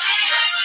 Heaven,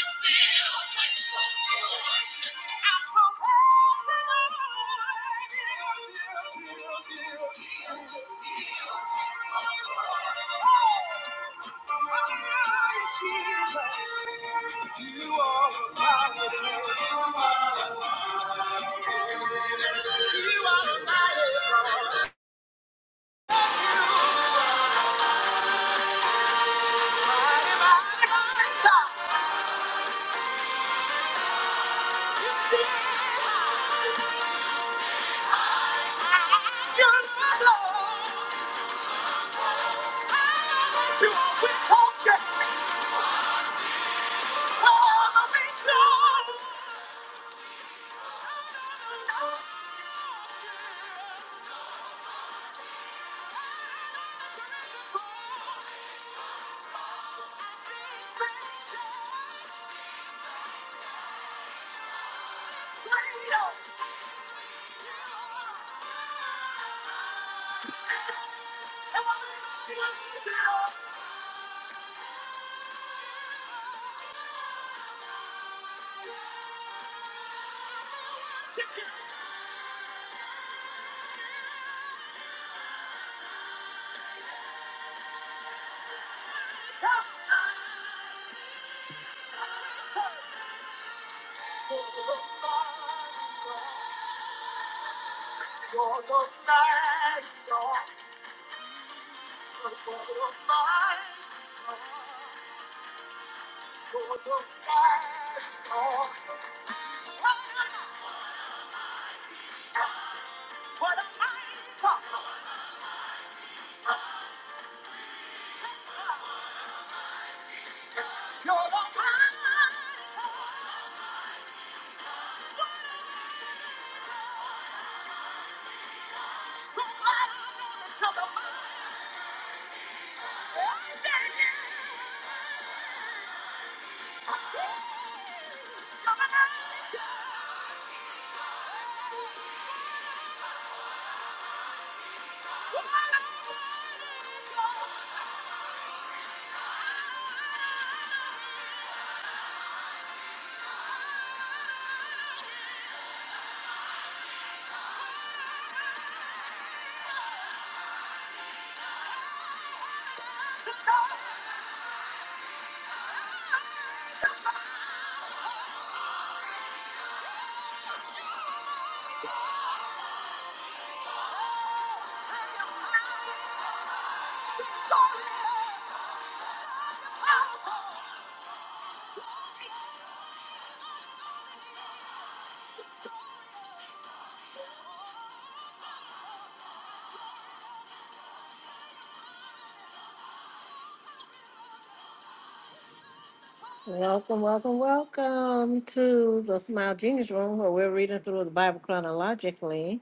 Welcome, welcome, welcome to the Smile Genius Room where we're reading through the Bible chronologically.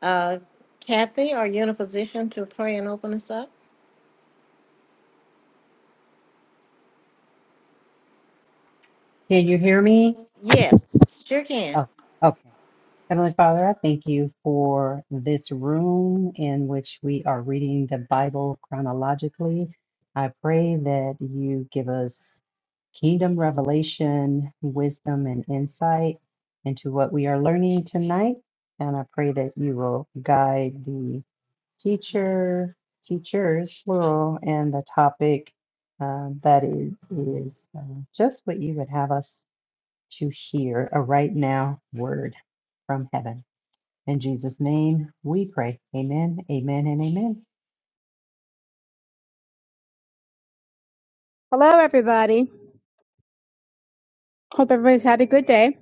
Uh, Kathy, are you in a position to pray and open us up? Can you hear me? Yes, sure can. Oh, okay. Heavenly Father, I thank you for this room in which we are reading the Bible chronologically. I pray that you give us kingdom revelation, wisdom, and insight into what we are learning tonight. And I pray that you will guide the teacher, teachers, plural, and the topic uh, that is, is uh, just what you would have us to hear a right now word from heaven. In Jesus' name we pray. Amen, amen, and amen. Hello, everybody. Hope everybody's had a good day,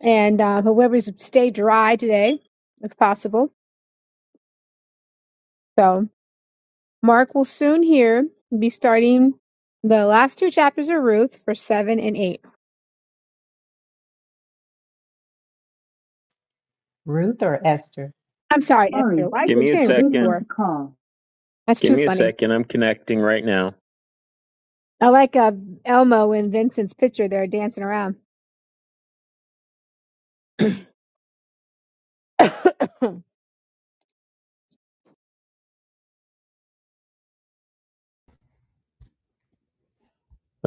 and uh, hope everybody's stay dry today, if possible. So, Mark will soon here be starting the last two chapters of Ruth for seven and eight. Ruth or Esther? I'm sorry, Esther. Sorry, Why are Give you me a saying second. Ruth want for? to call. That's Give too me a funny. second. I'm connecting right now. I like uh, Elmo and Vincent's picture there dancing around.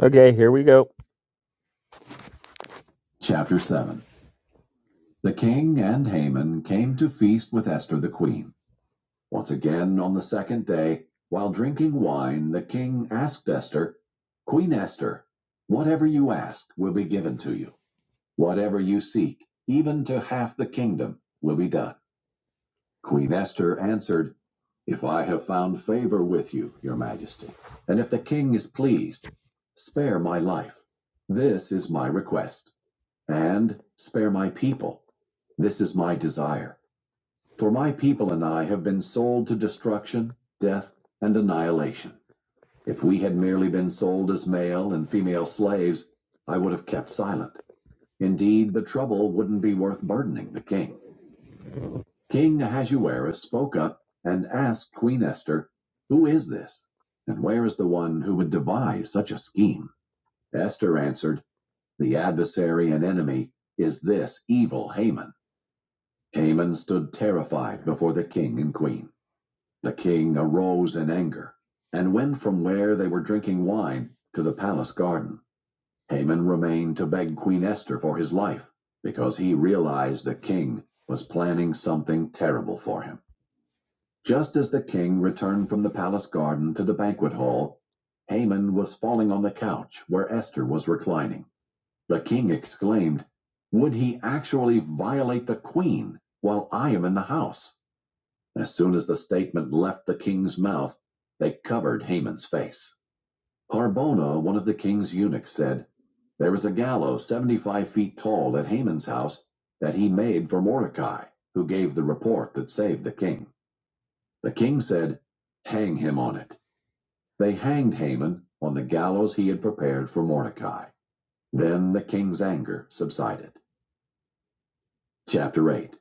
Okay, here we go. Chapter 7 The king and Haman came to feast with Esther the queen. Once again, on the second day, while drinking wine, the king asked Esther, Queen Esther, whatever you ask will be given to you. Whatever you seek, even to half the kingdom, will be done. Queen Esther answered, If I have found favor with you, your majesty, and if the king is pleased, spare my life. This is my request. And spare my people. This is my desire. For my people and I have been sold to destruction, death, and annihilation. If we had merely been sold as male and female slaves, I would have kept silent. Indeed, the trouble wouldn't be worth burdening the king. King Ahasuerus spoke up and asked Queen Esther, Who is this? And where is the one who would devise such a scheme? Esther answered, The adversary and enemy is this evil Haman. Haman stood terrified before the king and queen. The king arose in anger and went from where they were drinking wine to the palace garden. Haman remained to beg Queen Esther for his life because he realized the king was planning something terrible for him. Just as the king returned from the palace garden to the banquet hall, Haman was falling on the couch where Esther was reclining. The king exclaimed, Would he actually violate the queen while I am in the house? As soon as the statement left the king's mouth, they covered Haman's face. Harbona, one of the king's eunuchs, said, There is a gallows 75 feet tall at Haman's house that he made for Mordecai, who gave the report that saved the king. The king said, Hang him on it. They hanged Haman on the gallows he had prepared for Mordecai. Then the king's anger subsided. Chapter 8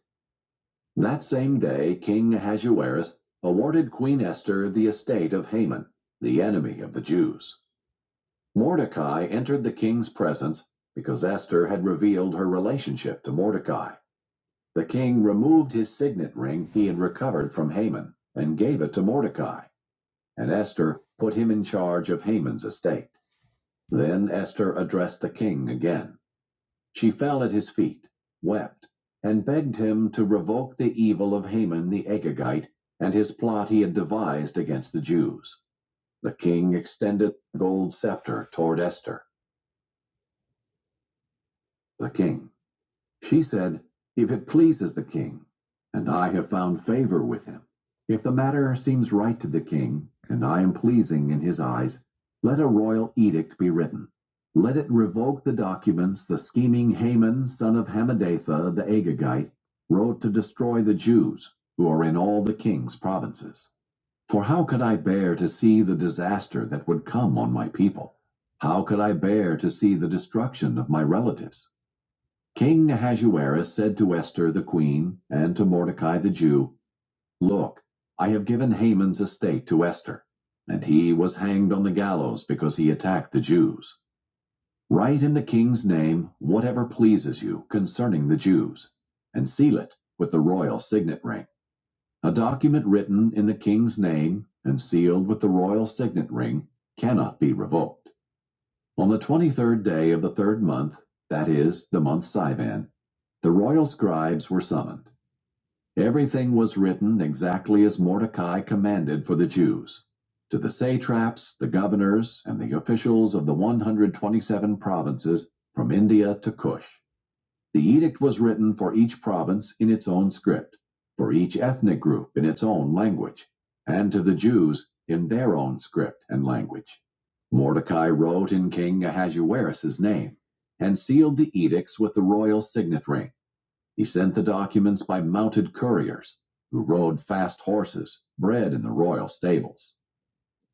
That same day, King Ahasuerus awarded Queen Esther the estate of Haman, the enemy of the Jews. Mordecai entered the king's presence because Esther had revealed her relationship to Mordecai. The king removed his signet ring he had recovered from Haman and gave it to Mordecai. And Esther put him in charge of Haman's estate. Then Esther addressed the king again. She fell at his feet, wept, and begged him to revoke the evil of Haman the Agagite and his plot he had devised against the Jews. The king extended the gold scepter toward Esther, the king. She said, If it pleases the king, and I have found favor with him, if the matter seems right to the king, and I am pleasing in his eyes, let a royal edict be written. Let it revoke the documents the scheming Haman, son of Hammedatha the Agagite, wrote to destroy the Jews, who are in all the king's provinces. For how could I bear to see the disaster that would come on my people? How could I bear to see the destruction of my relatives? King Ahasuerus said to Esther the queen and to Mordecai the Jew, Look, I have given Haman's estate to Esther, and he was hanged on the gallows because he attacked the Jews. Write in the king's name whatever pleases you concerning the Jews, and seal it with the royal signet ring. A document written in the king's name and sealed with the royal signet ring cannot be revoked. On the twenty-third day of the third month, that is, the month Sivan, the royal scribes were summoned. Everything was written exactly as Mordecai commanded for the Jews, to the satraps, the governors, and the officials of the one hundred twenty-seven provinces from India to Cush. The edict was written for each province in its own script, for each ethnic group in its own language, and to the Jews in their own script and language. Mordecai wrote in King Ahasuerus's name and sealed the edicts with the royal signet ring. He sent the documents by mounted couriers who rode fast horses bred in the royal stables.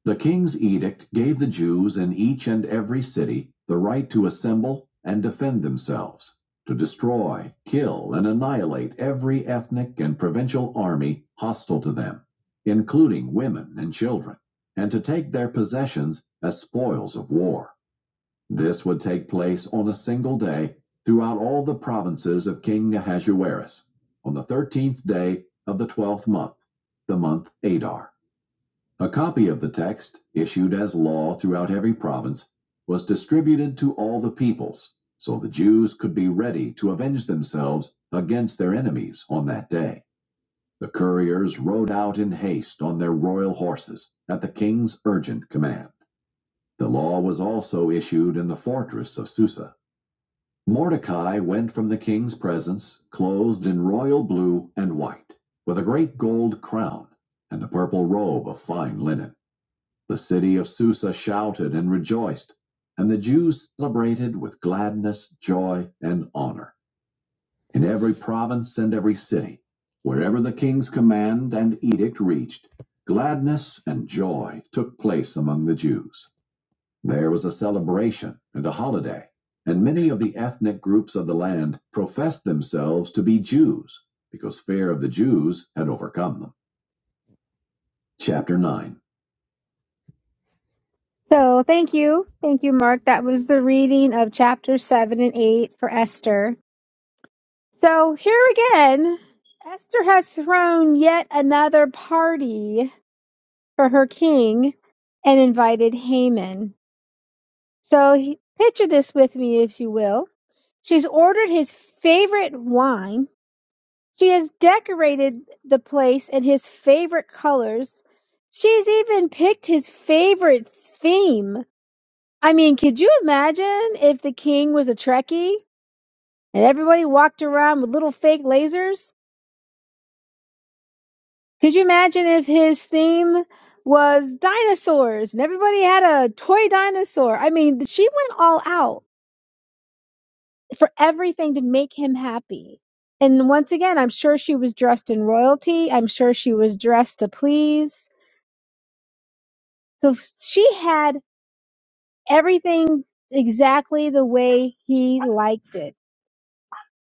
The king's edict gave the Jews in each and every city the right to assemble and defend themselves, to destroy, kill, and annihilate every ethnic and provincial army hostile to them, including women and children, and to take their possessions as spoils of war. This would take place on a single day throughout all the provinces of King Ahasuerus, on the thirteenth day of the twelfth month, the month Adar. A copy of the text, issued as law throughout every province, was distributed to all the peoples, so the Jews could be ready to avenge themselves against their enemies on that day. The couriers rode out in haste on their royal horses at the king's urgent command. The law was also issued in the fortress of Susa. Mordecai went from the king's presence clothed in royal blue and white, with a great gold crown and a purple robe of fine linen. The city of Susa shouted and rejoiced, and the Jews celebrated with gladness, joy, and honor. In every province and every city, wherever the king's command and edict reached, gladness and joy took place among the Jews. There was a celebration and a holiday, and many of the ethnic groups of the land professed themselves to be Jews because fear of the Jews had overcome them. Chapter 9 So, thank you, thank you, Mark. That was the reading of chapter seven and eight for Esther. So here again, Esther has thrown yet another party for her king and invited Haman. So he, picture this with me, if you will. She's ordered his favorite wine. She has decorated the place in his favorite colors. She's even picked his favorite theme. I mean, could you imagine if the king was a Trekkie and everybody walked around with little fake lasers? Could you imagine if his theme was dinosaurs and everybody had a toy dinosaur? I mean, she went all out for everything to make him happy. And once again, I'm sure she was dressed in royalty. I'm sure she was dressed to please. So she had everything exactly the way he liked it.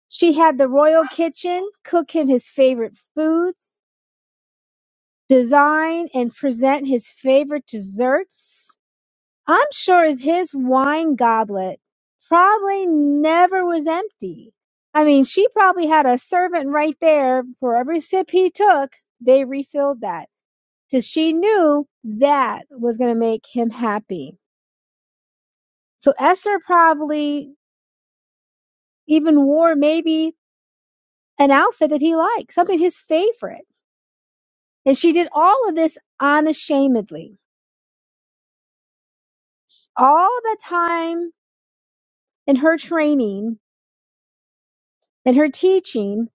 She had the royal kitchen cook him his favorite foods, design and present his favorite desserts I'm sure his wine goblet probably never was empty. I mean, she probably had a servant right there for every sip he took, they refilled that because she knew that was going to make him happy. So Esther probably even wore maybe an outfit that he liked, something his favorite. And she did all of this unashamedly. All the time in her training and her teaching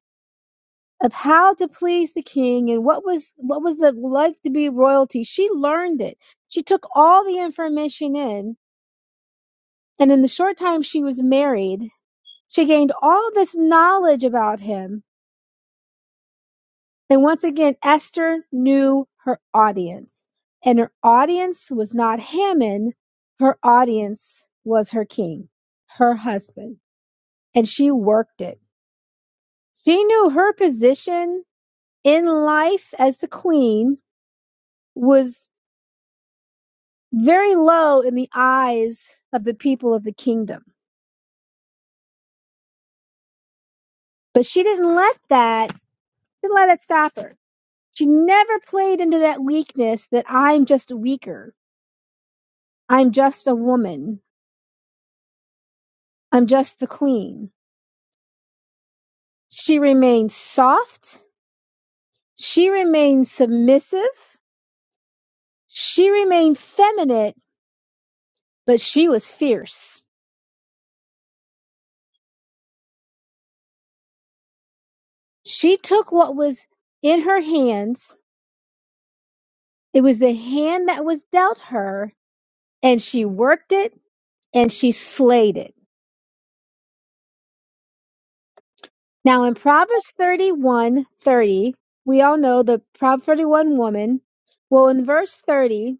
of how to please the king and what was what was it like to be royalty. She learned it. She took all the information in, and in the short time she was married, she gained all this knowledge about him. And once again, Esther knew her audience, and her audience was not Haman. Her audience was her king, her husband, and she worked it. She knew her position in life as the queen was very low in the eyes of the people of the kingdom. But she didn't let that didn't let it stop her. She never played into that weakness that I'm just weaker. I'm just a woman. I'm just the queen. She remained soft. She remained submissive. She remained feminine, but she was fierce. She took what was in her hands. It was the hand that was dealt her and she worked it and she slayed it Now in Proverbs thirty-one thirty, we all know the Proverbs 31 woman. Well, in verse 30,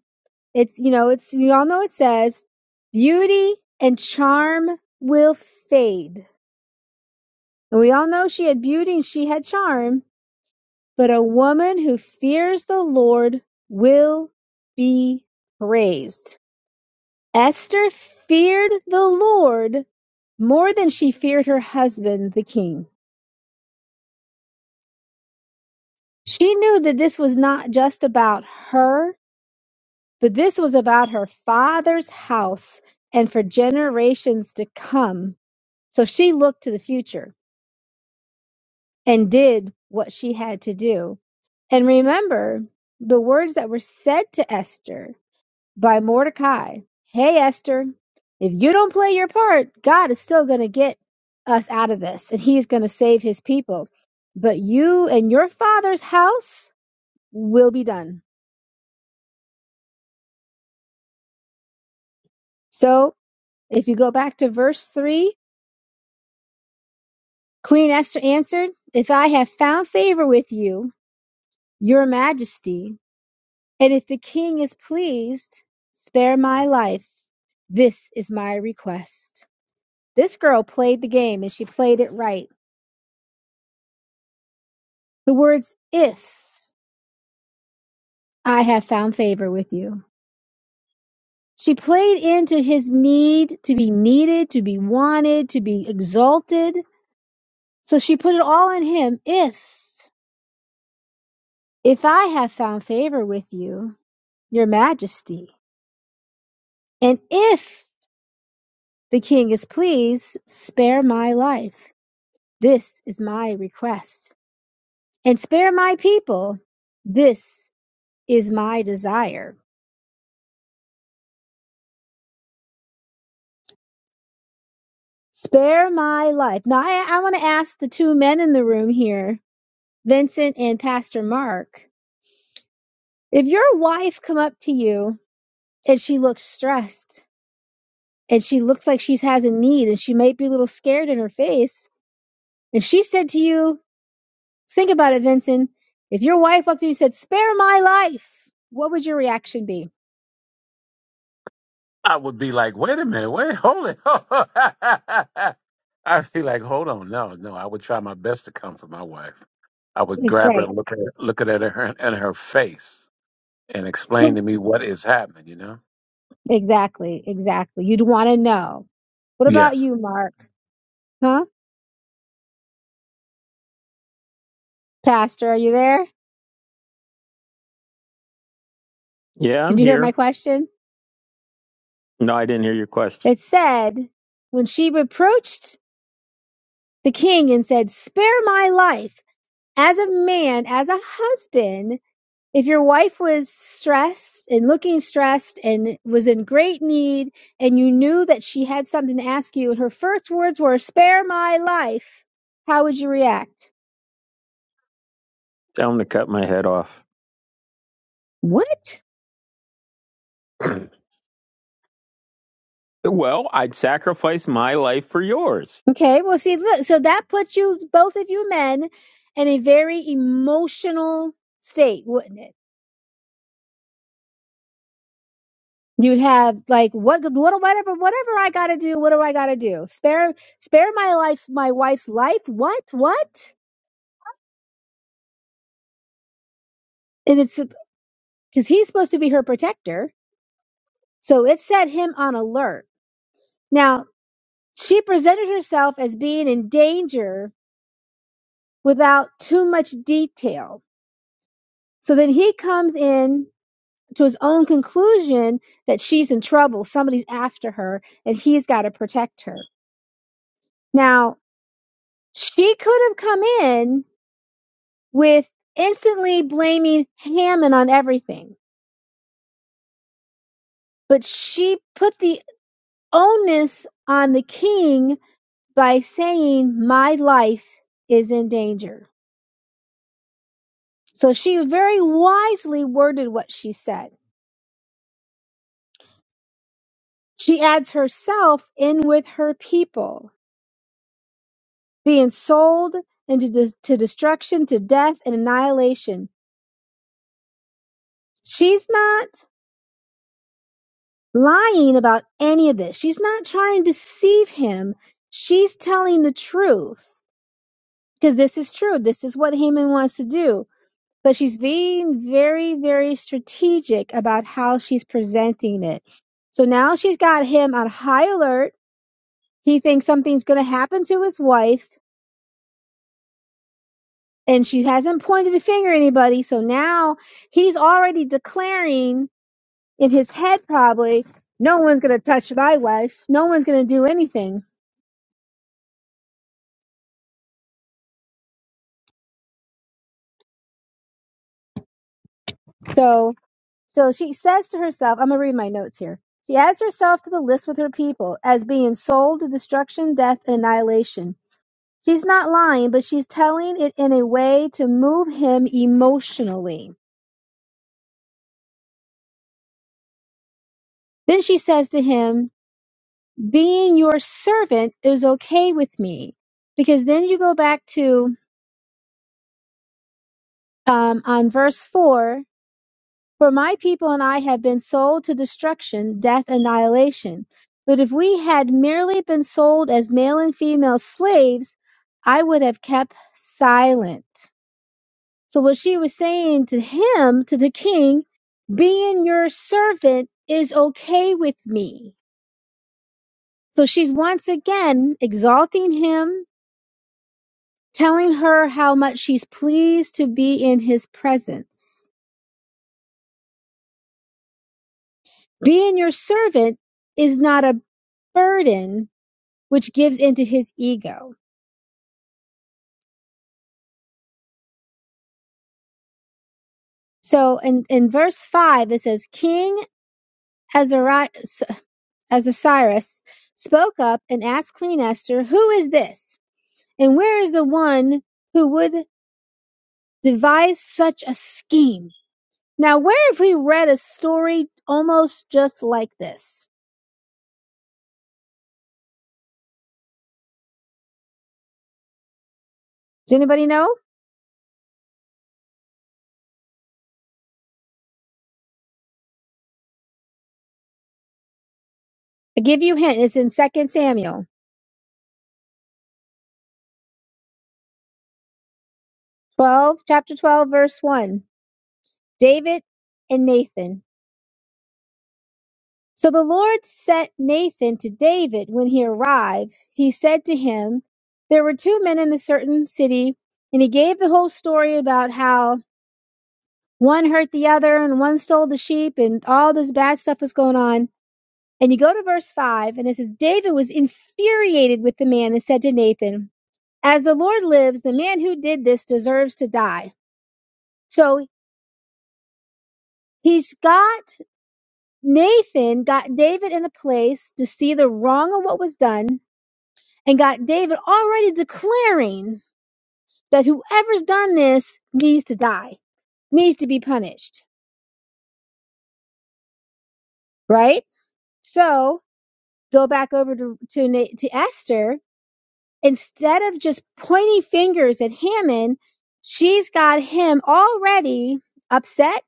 it's, you know, it's, we all know it says, beauty and charm will fade. And we all know she had beauty and she had charm, but a woman who fears the Lord will be praised. Esther feared the Lord more than she feared her husband, the king. She knew that this was not just about her, but this was about her father's house and for generations to come. So she looked to the future and did what she had to do. And remember the words that were said to Esther by Mordecai Hey, Esther, if you don't play your part, God is still going to get us out of this and he's going to save his people. But you and your father's house will be done. So If you go back to verse 3, Queen Esther answered, If I have found favor with you, your majesty, and if the king is pleased, spare my life. This is my request. This girl played the game and she played it right. The words, if I have found favor with you. She played into his need to be needed, to be wanted, to be exalted. So she put it all on him. If, if I have found favor with you, your majesty. And if the king is pleased, spare my life. This is my request. And spare my people. This is my desire. Spare my life. Now, I, I want to ask the two men in the room here, Vincent and Pastor Mark, if your wife come up to you and she looks stressed and she looks like she has a need and she might be a little scared in her face, and she said to you, Think about it, Vincent. If your wife walked to you and said, spare my life, what would your reaction be? I would be like, wait a minute, wait, hold it. I'd be like, hold on, no, no. I would try my best to comfort my wife. I would That's grab her right. and look at look at her and her face and explain to me what is happening. You know? Exactly, exactly. You'd want to know. What about Yes. you, Mark? Huh? Pastor, are you there? Yeah, Did I'm you hear my here. question? No, I didn't hear your question. It said, when she reproached the king and said, spare my life, as a man, as a husband, if your wife was stressed and looking stressed and was in great need and you knew that she had something to ask you and her first words were spare my life how would you react Tell him to cut my head off. what well, I'd sacrifice my life for yours. okay well see look so that puts you both of you men in a very emotional state wouldn't it you'd have like what what whatever whatever i got to do what do i got to do spare spare my life my wife's life what what and it's because he's supposed to be her protector So it set him on alert. Now, she presented herself as being in danger without too much detail. So then he comes in to his own conclusion that she's in trouble. Somebody's after her and he's got to protect her. Now, she could have come in with instantly blaming Hammond on everything, but she put the onus on the king by saying, My life is in danger So she very wisely worded what she said. She adds herself in with her people, being sold into dis- to destruction, to death, and annihilation. She's not lying about any of this. She's not trying to deceive him. She's telling the truth because this is true. This is what Haman wants to do. But she's being very, very strategic about how she's presenting it. So now she's got him on high alert He thinks something's going to happen to his wife, and she hasn't pointed a finger at anybody. So now he's already declaring in his head, probably, no one's going to touch my wife. No one's going to do anything. So, so she says to herself, I'm going to read my notes here. She adds herself to the list with her people as being sold to destruction, death, and annihilation. She's not lying, but she's telling it in a way to move him emotionally. Then she says to him, being your servant is okay with me. Because then you go back to um, on verse 4 For my people and I have been sold to destruction, death, annihilation. But if we had merely been sold as male and female slaves, I would have kept silent. So, what she was saying to him, to the king, being your servant is okay with me. So, she's once again exalting him telling her how much she's pleased to be in his presence. Being your servant is not a burden which gives into his ego. So in, in verse 5, it says, King Azari- Azasiris spoke up and asked Queen Esther, Who is this? And where is the one who would devise such a scheme? Now, where have we read a story almost just like this? Does anybody know? I give you a hint. It's in Second Samuel. 12, chapter 12, verse 1. David and Nathan. So the Lord sent Nathan to David when he arrived. He said to him, There were two men in a certain city, and he gave the whole story about how one hurt the other and one stole the sheep and all this bad stuff was going on. And you go to verse 5, and it says, David was infuriated with the man and said to Nathan, As the Lord lives, the man who did this deserves to die. So he's got Nathan got David in a place to see the wrong of what was done and got David already declaring that whoever's done this needs to die, needs to be punished, right? So go back over to, to, Na- to Esther. Instead of just pointing fingers at Haman, she's got him already upset,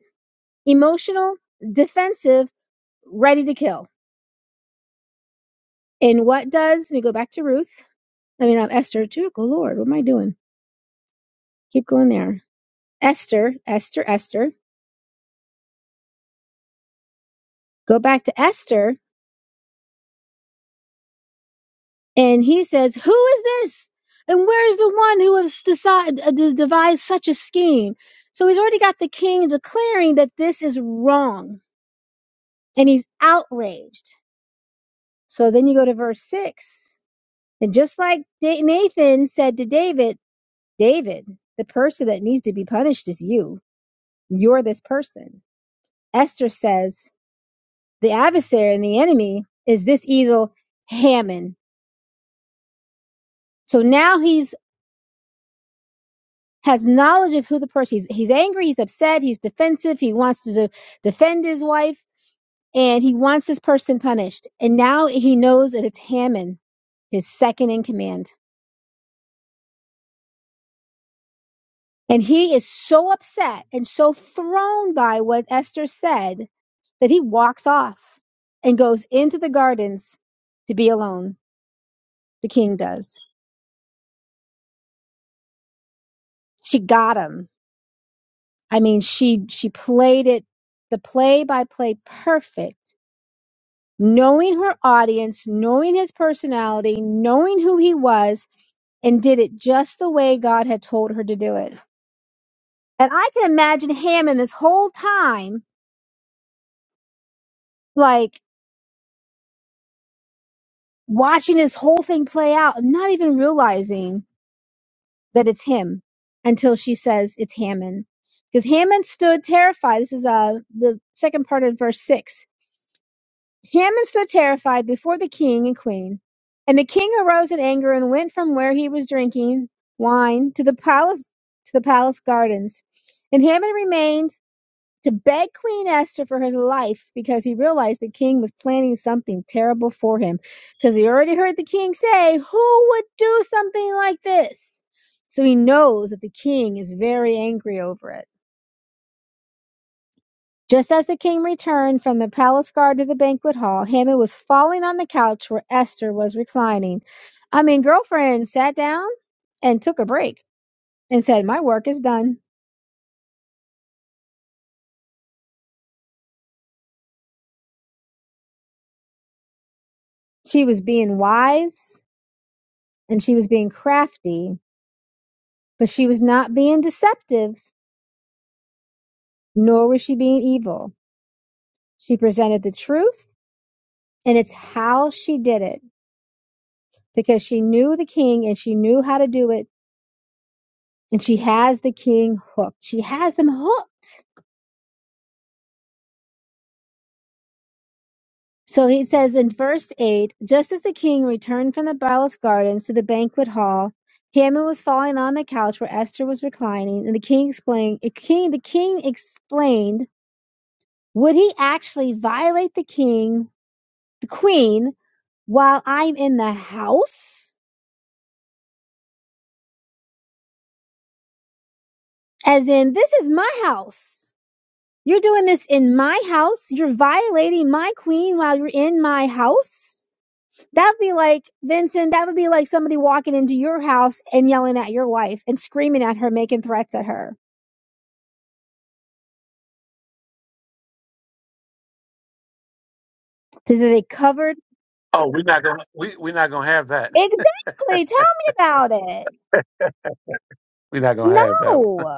emotional, defensive, ready to kill. And what does, let me go back to Ruth. I mean, I'm Esther too. Go Lord, what am I doing? Keep going there. Esther, Esther, Esther. Go back to Esther, and he says, "Who is this? And where is the one who has decided, uh, de- devised such a scheme?" So he's already got the king declaring that this is wrong, and he's outraged. So then you go to verse six, and just like Da- Nathan said to David, David, the person that needs to be punished is you. You're this person. Esther says, the adversary and the enemy is this evil Haman So now he's has knowledge of who the person is. he's he's angry, he's upset, he's defensive, he wants to de- defend his wife and he wants this person punished. And now he knows that it's Haman, his second in command. And he is so upset and so thrown by what Esther said that he walks off and goes into the gardens to be alone. The king does. She got him. I mean, she she played it the play by play perfect knowing her audience, knowing his personality, knowing who he was, and did it just the way God had told her to do it. And I can imagine Hammond this whole time, like watching this whole thing play out and not even realizing that it's him until she says it's Hammond. Because Hammond stood terrified. This is uh, the second part of verse 6. Haman stood terrified before the king and queen. And the king arose in anger and went from where he was drinking wine to the palace to the palace gardens. And Haman remained to beg Queen Esther for his life because he realized the king was planning something terrible for him. Because he already heard the king say, Who would do something like this? So he knows that the king is very angry over it. Just as the king returned from the palace guard to the banquet hall, Haman was falling on the couch where Esther was reclining. I mean, girlfriend sat down and took a break and said, My work is done. She was being wise and she was being crafty, but she was not being deceptive, nor was she being evil. She presented the truth, and it's how she did it because she knew the king and she knew how to do it, and she has the king hooked. She has them hooked So he says in verse 8 Just as the king returned from the palace gardens to the banquet hall, Haman was falling on the couch where Esther was reclining, and the king explained, the king, the king explained Would he actually violate the king, the queen, while I'm in the house? As in, this is my house. You're doing this in my house. You're violating my queen while you're in my house. That'd be like, Vincent, that would be like somebody walking into your house and yelling at your wife and screaming at her, making threats at her. Is it covered? Oh, we're not gonna we we're not gonna have that. Exactly. Tell me about it. We're not gonna have that. One. No.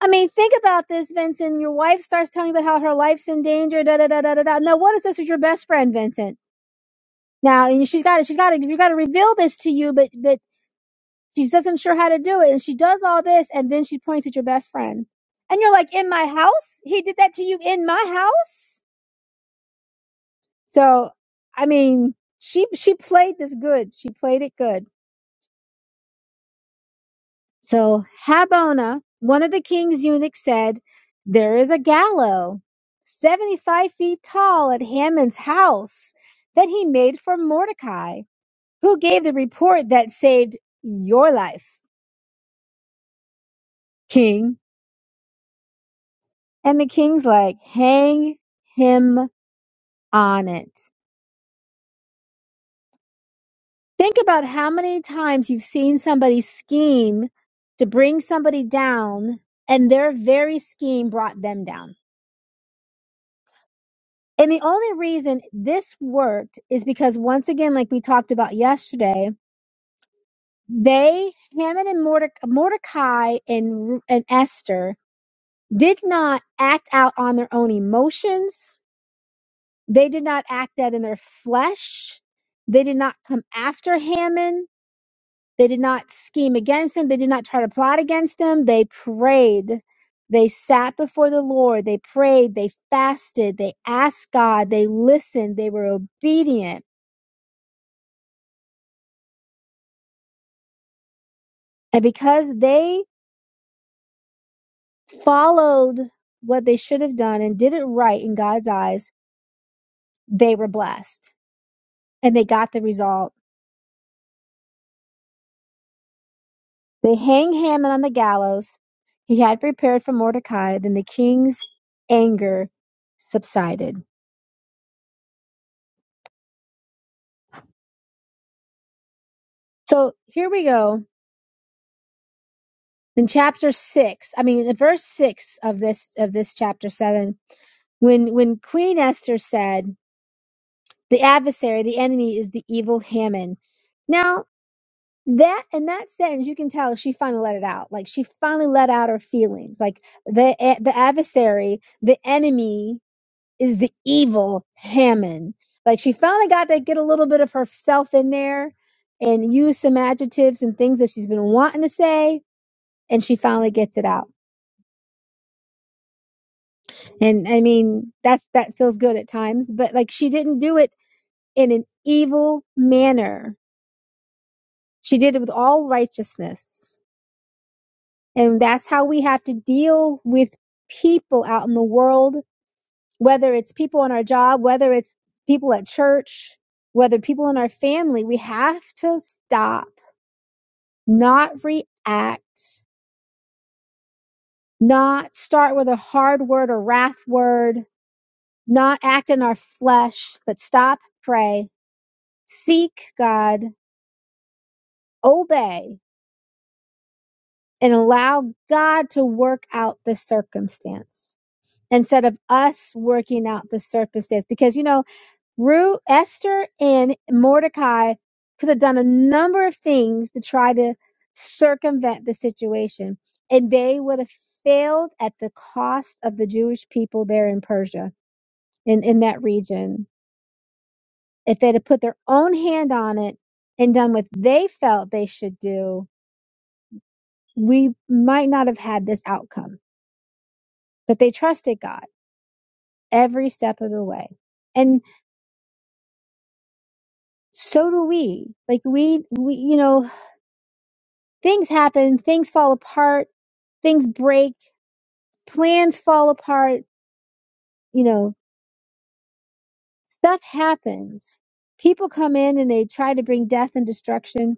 I mean, think about this, Vincent. Your wife starts telling you about how her life's in danger, da da da da da da. No, what is this with your best friend, Vincent? Now, and she's got to, she's got to, you got to reveal this to you, but, but she doesn't sure how to do it. And she does all this, and then she points at your best friend. And you're like, in my house? He did that to you in my house? So, I mean, she she played this good. She played it good. So Habona, one of the king's eunuchs, said, "There is a gallows, seventy-five feet tall, at Haman's house that he made for Mordecai, who gave the report that saved your life, king." And the king's like, "Hang him on it." Think about how many times you've seen somebody scheme to bring somebody down, and their very scheme brought them down. And the only reason this worked is because, once again, like we talked about yesterday, they, Haman and Mordecai, Mordecai and, and Esther, did not act out on their own emotions. They did not act out in their flesh. They did not come after Haman They did not scheme against him. They did not try to plot against him. They prayed. They sat before the Lord. They prayed. They fasted. They asked God. They listened. They were obedient. And because they followed what they should have done and did it right in God's eyes, they were blessed and they got the result. They hang Haman on the gallows he had prepared for Mordecai. Then the king's anger subsided. So here we go in chapter six, I mean, in verse six of this of this chapter seven, when when Queen Esther said, "The adversary, the enemy, is the evil Haman." Now that in that sentence, you can tell she finally let it out. Like she finally let out her feelings. Like the eh, the adversary, the enemy, is the evil Haman. Like she finally got to get a little bit of herself in there and use some adjectives and things that she's been wanting to say, and she finally gets it out. And I mean, that's that feels good at times, but like she didn't do it in an evil manner. She did it with all righteousness. And that's how we have to deal with people out in the world, whether it's people on our job, whether it's people at church, whether people in our family, we have to stop, not react, not start with a hard word or wrath word, not act in our flesh, but stop, pray, seek God, obey and allow God to work out the circumstance instead of us working out the circumstance. Because, you know, Ruth, Esther and Mordecai could have done a number of things to try to circumvent the situation, and they would have failed at the cost of the Jewish people there in Persia, in, in that region. If they'd have put their own hand on it and done what they felt they should do, we might not have had this outcome but they trusted God every step of the way. And so do we. Like we, we, you know, things happen, things fall apart, things break, plans fall apart, you know, stuff happens. People come in and they try to bring death and destruction.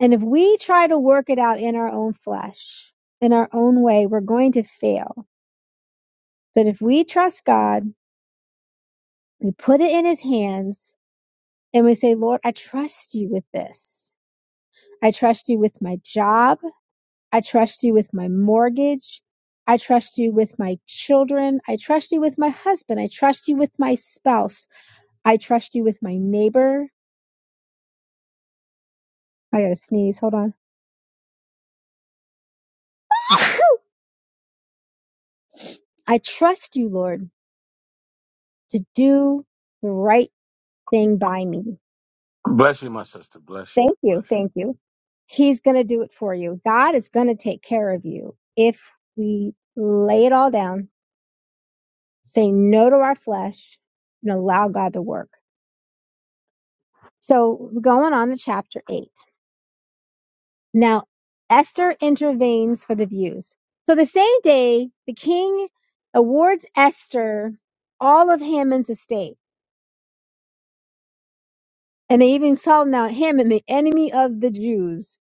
And if we try to work it out in our own flesh, in our own way, we're going to fail. But if we trust God, we put it in his hands and we say, Lord, I trust you with this. I trust you with my job. I trust you with my mortgage. I trust you with my children. I trust you with my husband. I trust you with my spouse. I trust you with my neighbor. I gotta sneeze. Hold on. I trust you, Lord, to do the right thing by me. Bless you, my sister. Bless you. Thank you. Bless you. Thank you. He's going to do it for you. God is going to take care of you if we lay it all down, say no to our flesh, and allow God to work. So, going on to chapter 8. Now Esther intervenes for the views. So the same day, the king awards Esther all of Haman's estate, and they even call now Haman the enemy of the Jews.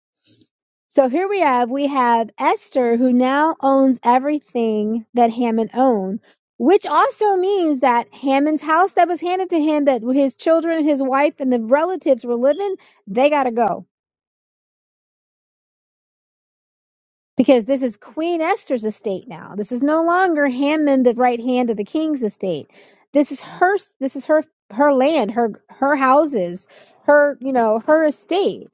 So here we have we have Esther who now owns everything that Haman owned, which also means that Haman's house that was handed to him that his children, his wife, and the relatives were living, they gotta go because this is Queen Esther's estate now. This is no longer Haman, the right hand of the king's estate. This is her. This is her her land, her her houses, her you know her estate.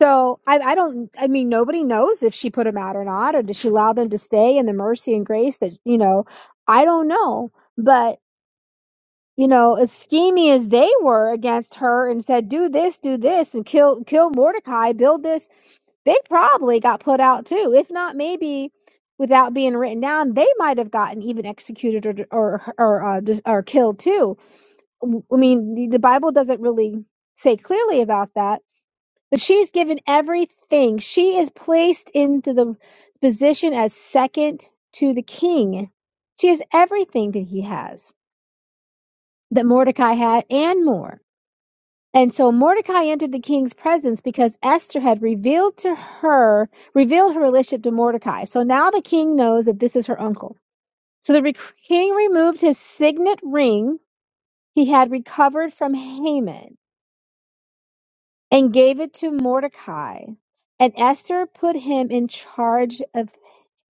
So I, I don't. I mean, nobody knows if she put them out or not, or did she allow them to stay in the mercy and grace that you know. I don't know, but you know, as scheming as they were against her and said, "Do this, do this, and kill kill Mordecai, build this." they probably got put out too. If not, maybe without being written down, they might have gotten even executed or or or, uh, dis- or killed too. I mean, the the Bible doesn't really say clearly about that, but she's given everything. She is placed into the position as second to the king. She has everything that he has, that Mordecai had, and more and so Mordecai entered the king's presence because Esther had revealed to her, revealed her relationship to Mordecai. So now the king knows that this is her uncle. So the re- king removed his signet ring he had recovered from Haman and gave it to Mordecai. And Esther put him in charge of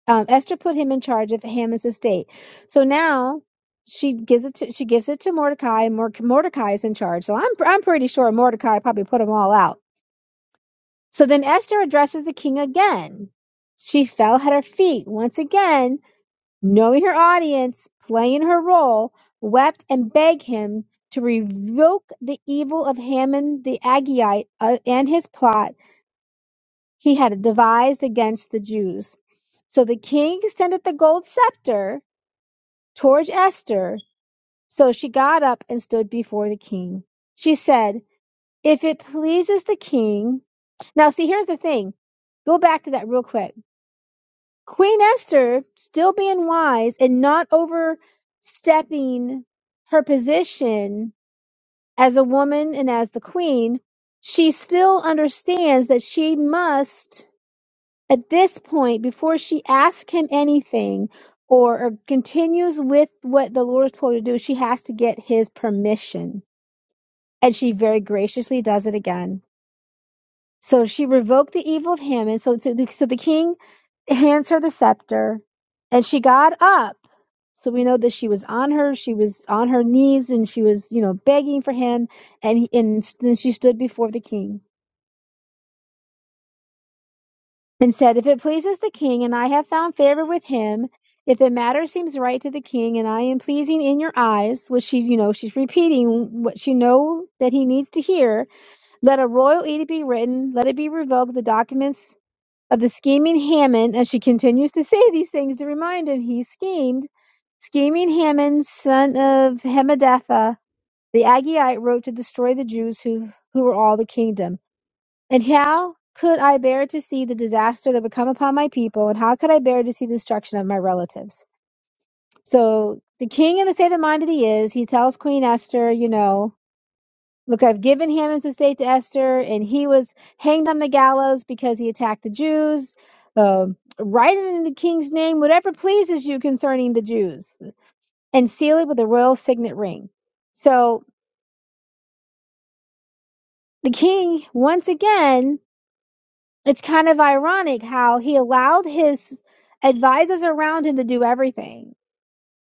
um, Esther put him in charge of Haman's estate. So now she gives it to she gives it to Mordecai, and Mor- Mordecai is in charge. So I'm I'm pretty sure Mordecai probably put them all out So then Esther addresses the king again. She fell at her feet once again, knowing her audience, playing her role, wept and begged him to revoke the evil of Haman the Agagite uh, and his plot he had devised against the Jews. So the king extended the gold scepter towards Esther. So she got up and stood before the king. She said, If it pleases the king. Now, see, here's the thing. Go back to that real quick Queen Esther, still being wise and not overstepping her position as a woman and as the queen, she still understands that she must, at this point, before she asks him anything or, or continues with what the Lord has told her to do, she has to get his permission. And she very graciously does it again. So she revoked the evil of Haman. So, so the so the king hands her the scepter and she got up. So we know that she was on her, she was on her knees and she was, you know, begging for him. And, he, and then she stood before the king and said, if it pleases the king and I have found favor with him, if the matter seems right to the king and I am pleasing in your eyes, which she's you know, she's repeating what she know that he needs to hear. Let a royal edict be written. Let it be revoked. The documents of the scheming Haman, as she continues to say these things to remind him he schemed. Scheming Haman, son of Hamadatha, the Agagite, wrote to destroy the Jews who, who were all the kingdom. And how could I bear to see the disaster that would come upon my people, and how could I bear to see the destruction of my relatives? So the king in the state of mind that he is, he tells Queen Esther, you know, Look, I've given him as estate to Esther, and he was hanged on the gallows because he attacked the Jews. Um, write it in the king's name, whatever pleases you concerning the Jews, and seal it with a royal signet ring. So the king, once again, it's kind of ironic how he allowed his advisors around him to do everything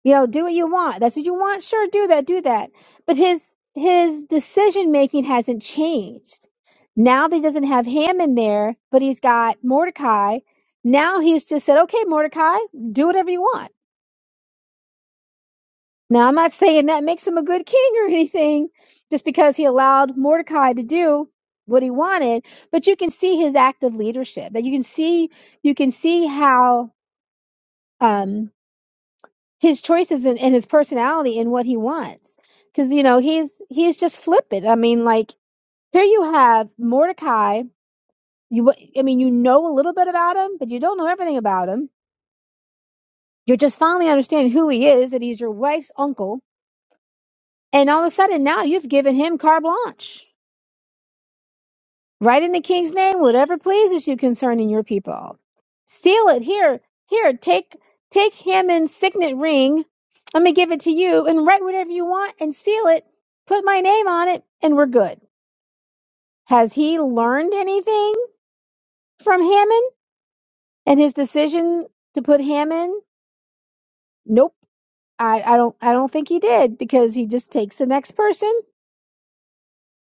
You know, do what you want. That's what you want. Sure, do that, do that. But his his decision making hasn't changed. Now that he doesn't have Haman there, but he's got Mordecai. Now he's just said, okay, Mordecai, do whatever you want. Now I'm not saying that makes him a good king or anything, just because he allowed Mordecai to do what he wanted. But you can see his active leadership. That you can see you can see how. Um, his choices and, and his personality and what he wants. Because you know he's he's just flippant. I mean, like here you have Mordecai. You wa- I mean you know a little bit about him, but you don't know everything about him. You're just finally understanding who he is. That he's your wife's uncle, and all of a sudden now you've given him carte blanche. Write in the king's name whatever pleases you concerning your people. Seal it here, here, take take Haman's signet ring. I'm gonna give it to you and write whatever you want and seal it. Put my name on it and we're good. Has he learned anything from Haman and his decision to put Haman? Nope. I, I don't I don't think he did because he just takes the next person,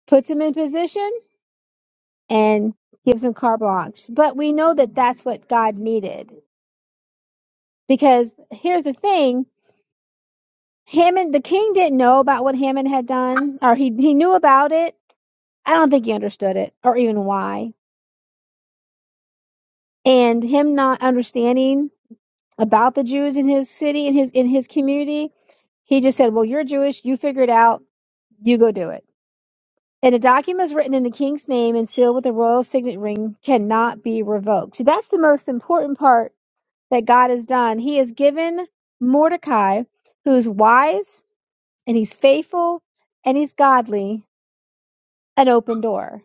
puts him in position, and gives him carte blanche. But we know that that's what God needed Because here's the thing Hammond, the king didn't know about what Hammond had done, or he, he knew about it. I don't think he understood it, or even why. And him not understanding about the Jews in his city, in his in his community, he just said, Well, you're Jewish, you figure it out, you go do it. And a document written in the king's name and sealed with a royal signet ring cannot be revoked. So that's the most important part that God has done. He has given Mordecai, who's wise and he's faithful and he's godly, an open door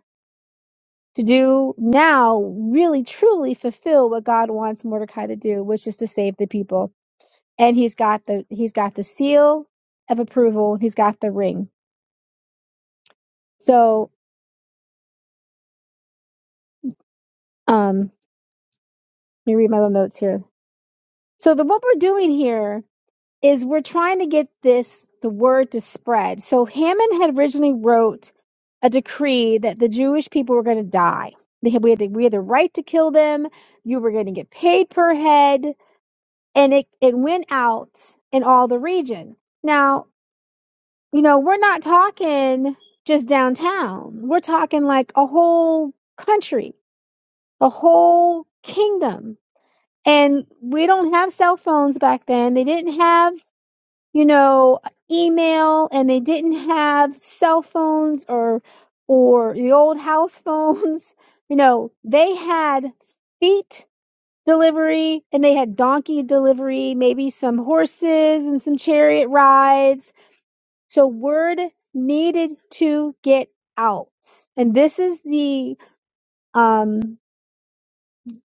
to do now really truly fulfill what God wants Mordecai to do, which is to save the people. And he's got the he's got the seal of approval. He's got the ring. So um let me read my little notes here. So the what we're doing here is we're trying to get this the word to spread. So Haman had originally wrote a decree that the Jewish people were going to die. They had, we had the, we had the right to kill them. You were going to get paid per head, and it it went out in all the region. Now you know we're not talking just downtown. We're talking like a whole country, a whole kingdom. And we don't have cell phones back then. They didn't have you know, email and they didn't have cell phones or or the old house phones. You know, they had feet delivery and they had donkey delivery, maybe some horses and some chariot rides. So word needed to get out. And this is the um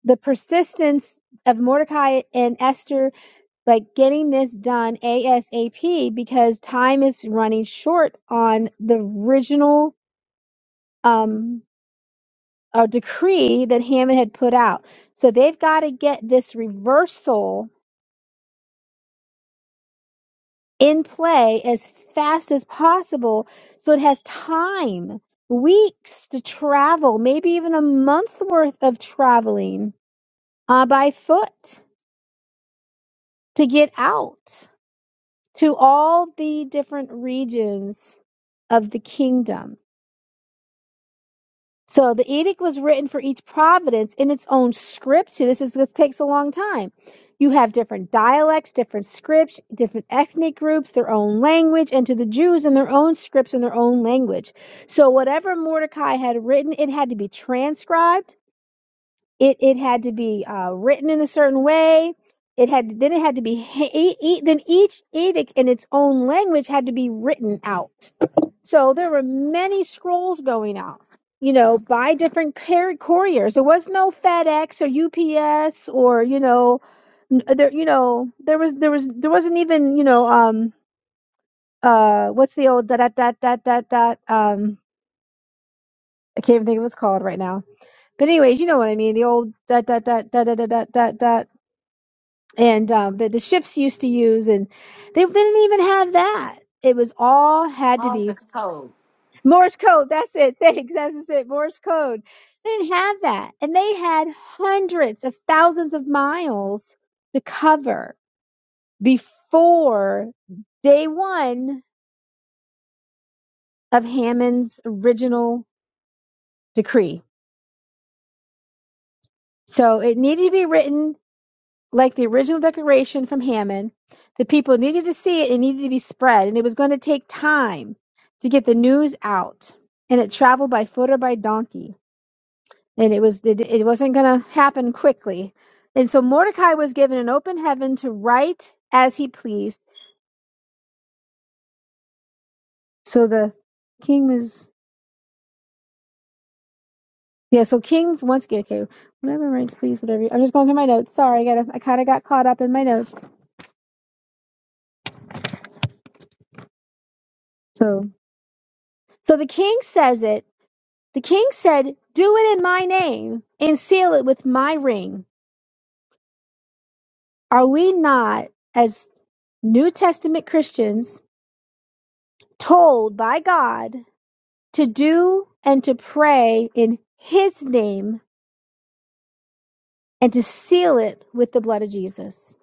the persistence of Mordecai and Esther but getting this done ASAP because time is running short on the original um, uh, decree that Hammond had put out. So they've got to get this reversal in play as fast as possible so it has time, weeks to travel, maybe even a month worth of traveling uh, by foot to get out to all the different regions of the kingdom So the edict was written for each providence in its own script. See, this is this takes a long time. You have different dialects, different scripts, different ethnic groups, their own language, and to the Jews in their own scripts and their own language. So whatever Mordecai had written, it had to be transcribed. It it had to be uh, written in a certain way. It had then it had to be ha- e- e- then each edict in its own language had to be written out. So there were many scrolls going out, you know, by different car- couriers. There was no FedEx or UPS or you know, n- uh, there you know there was there was there wasn't even you know um uh what's the old da da da da da da um I can't even think of what it's called right now. But anyways, you know what I mean. The old da da da da da da da da da and um, the the ships used to use and they, they didn't even have that. It was all had to All be is cold. Morse code. That's it. Thanks. That's just it. Morse code. They didn't have that. And they had hundreds of thousands of miles to cover before day one of Hammond's original decree. So it needed to be written like the original declaration from Hammond. The people needed to see it. It needed to be spread. And it was going to take time to get the news out. And it traveled by foot or by donkey. and it was it, it wasn't going to happen quickly and so mordecai was given an open heaven to write as he pleased so the king was yeah so kings once again okay whatever writes please whatever i'm just going through my notes sorry i got i kind of got caught up in my notes so so the king says it the king said do it in my name and seal it with my ring are we not as new testament christians told by god to do and to pray in his name and to seal it with the blood of Jesus.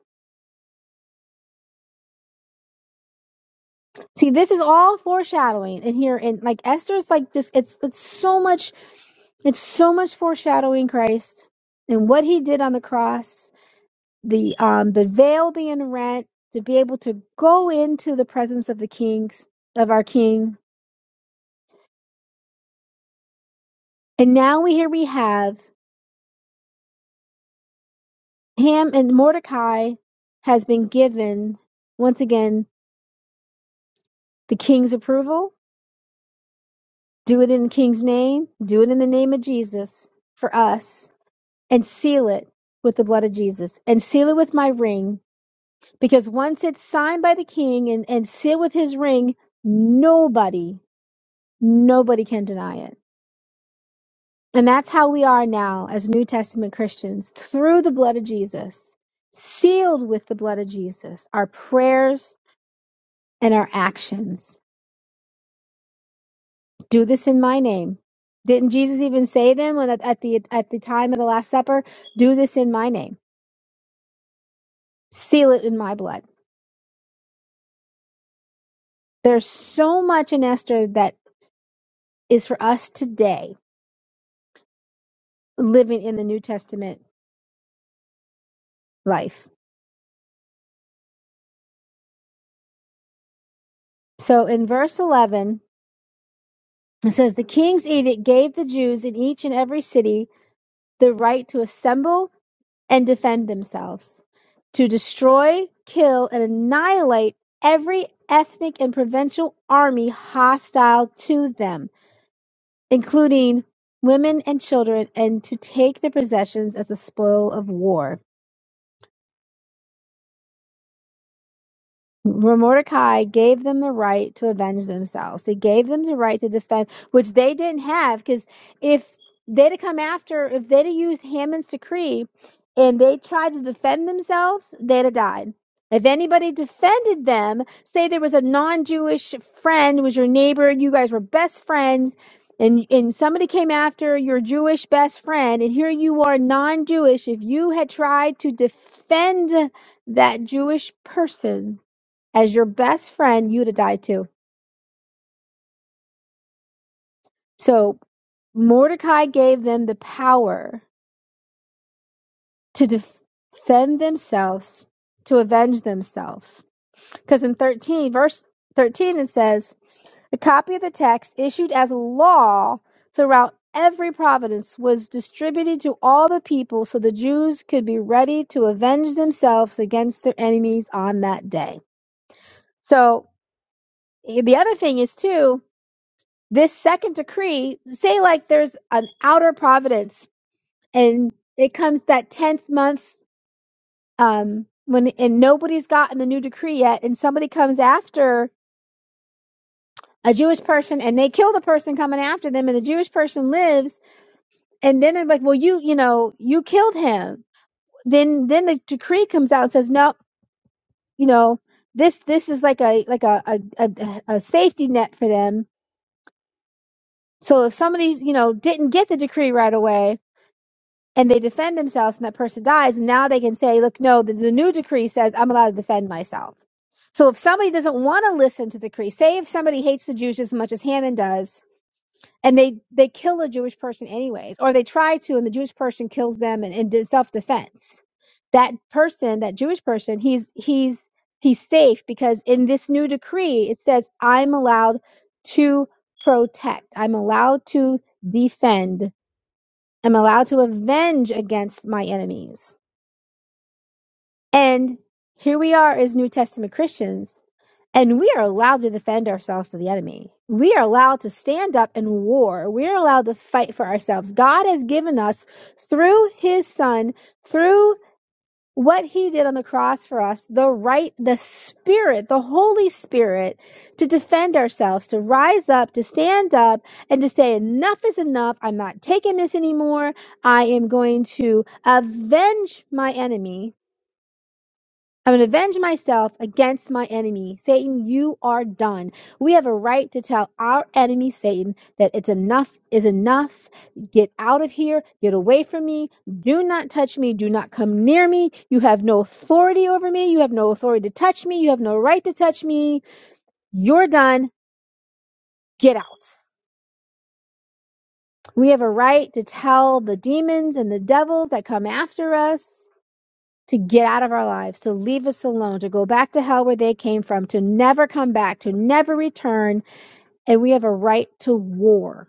See, this is all foreshadowing in here and like Esther's like just it's it's so much it's so much foreshadowing Christ and what he did on the cross, the um the veil being rent to be able to go into the presence of the kings of our king. And now we here we have him and Mordecai has been given once again the king's approval Do it in the King's name. Do it in the name of Jesus for us and seal it with the blood of Jesus and seal it with my ring. Because once it's signed by the King and, and sealed with his ring, nobody, nobody can deny it. And that's how we are now as New Testament Christians through the blood of Jesus, sealed with the blood of Jesus, our prayers and our actions. do this in my name didn't jesus even say them when at, at the at the time of the last supper do this in my name seal it in my blood there's so much in esther that is for us today living in the new testament life so in verse 11 it says the king's edict gave the jews in each and every city the right to assemble and defend themselves, to destroy, kill, and annihilate every ethnic and provincial army hostile to them, including women and children, and to take their possessions as the spoil of war. For Mordecai gave them the right to avenge themselves. They gave them the right to defend, which they didn't have, because if they'd have come after, if they'd have used Haman's decree and they tried to defend themselves, they'd have died. If anybody defended them, say there was a non-Jewish friend, was your neighbor, you guys were best friends, and and somebody came after your Jewish best friend, and here you are non-Jewish. If you had tried to defend that Jewish person, as your best friend, you'd have died too. So Mordecai gave them the power to defend themselves, to avenge themselves. Because in 13, verse 13, it says, A copy of the text issued as law throughout every province was distributed to all the people so the Jews could be ready to avenge themselves against their enemies on that day. So the other thing is, too, this second decree, say like there's an outer providence and it comes that 10th month, um, when, and nobody's gotten the new decree yet and somebody comes after a Jewish person and they kill the person coming after them and the Jewish person lives and then they're like, well, you, you know, you killed him. Then, then the decree comes out and says, no, you know, this, this is like a, like a, a, a, a safety net for them. So if somebody, you know, didn't get the decree right away, and they defend themselves and that person dies and now they can say look no the, the new decree says i'm allowed to defend myself so if somebody doesn't want to listen to the decree say if somebody hates the jews as much as haman does and they they kill a jewish person anyways or they try to and the jewish person kills them in, in self-defense that person that jewish person he's he's he's safe because in this new decree it says i'm allowed to protect i'm allowed to defend am allowed to avenge against my enemies. And here we are as New Testament Christians, and we are allowed to defend ourselves to the enemy. We are allowed to stand up and war. We are allowed to fight for ourselves. God has given us through his son, through what he did on the cross for us, the right, the spirit, the Holy Spirit to defend ourselves, to rise up, to stand up and to say, enough is enough. I'm not taking this anymore. I am going to avenge my enemy I'm going to avenge myself against my enemy. Satan, you are done. We have a right to tell our enemy, Satan, that it's enough is enough. Get out of here. Get away from me. Do not touch me. Do not come near me. You have no authority over me. You have no authority to touch me. You have no right to touch me. You're done. Get out. We have a right to tell the demons and the devils that come after us to get out of our lives, to leave us alone, to go back to hell where they came from, to never come back, to never return. And we have a right to war.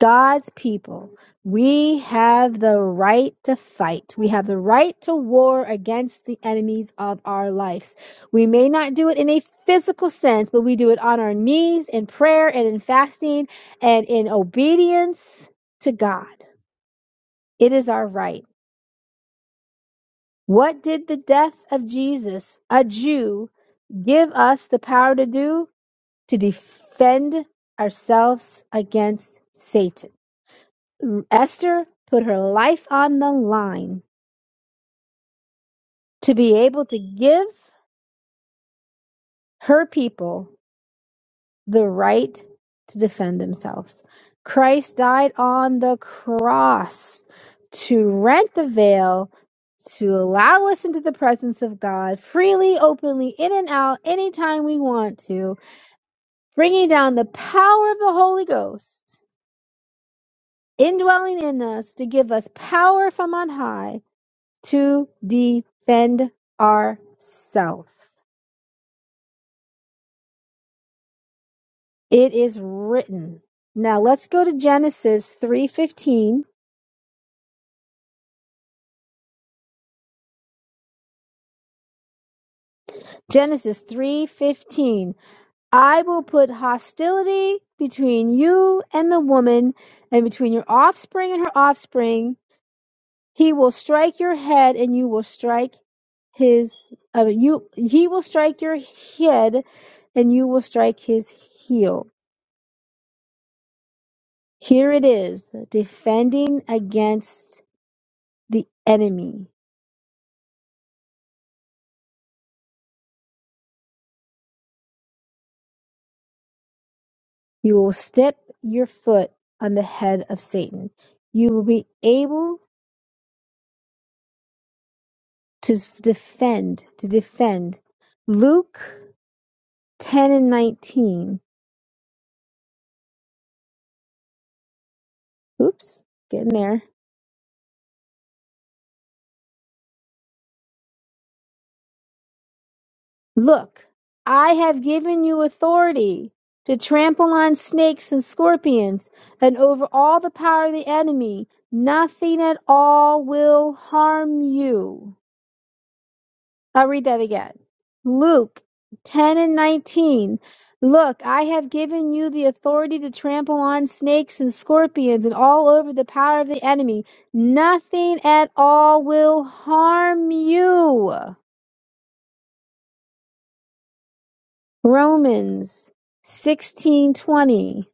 God's people, we have the right to fight. We have the right to war against the enemies of our lives. We may not do it in a physical sense, but we do it on our knees in prayer and in fasting and in obedience to God. It is our right. What did the death of Jesus, a Jew, Give us the power to do, to defend ourselves against Satan. Esther put her life on the line to be able to give her people the right to defend themselves. Christ died on the cross to rent the veil, to allow us into the presence of God freely, openly, in and out, anytime we want to, bringing down the power of the Holy Ghost indwelling in us to give us power from on high to defend ourselves. It is written. Now let's go to Genesis 3:15. Genesis 3:15. I will put hostility between you and the woman and between your offspring and her offspring. He will strike your head and you will strike his uh, you he will strike your head and you will strike his heel. Here it is, defending against the enemy. You will step your foot on the head of Satan. You will be able to s- defend, to defend. Luke 10 and 19. Oops, getting there. Look, I have given you authority to trample on snakes and scorpions and over all the power of the enemy. Nothing at all will harm you. I'll read that again. Luke 10 and 19. Look, I have given you the authority to trample on snakes and scorpions and all over the power of the enemy. Nothing at all will harm you. Romans 16:20.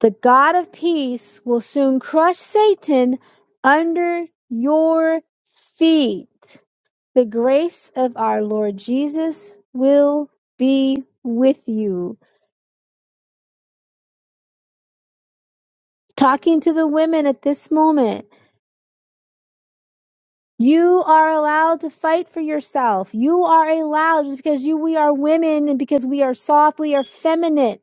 The God of peace will soon crush Satan under your feet. The grace of our Lord Jesus will be with you. Talking to the women at this moment. You are allowed to fight for yourself. You are allowed just because you we are women and because we are soft, we are feminine.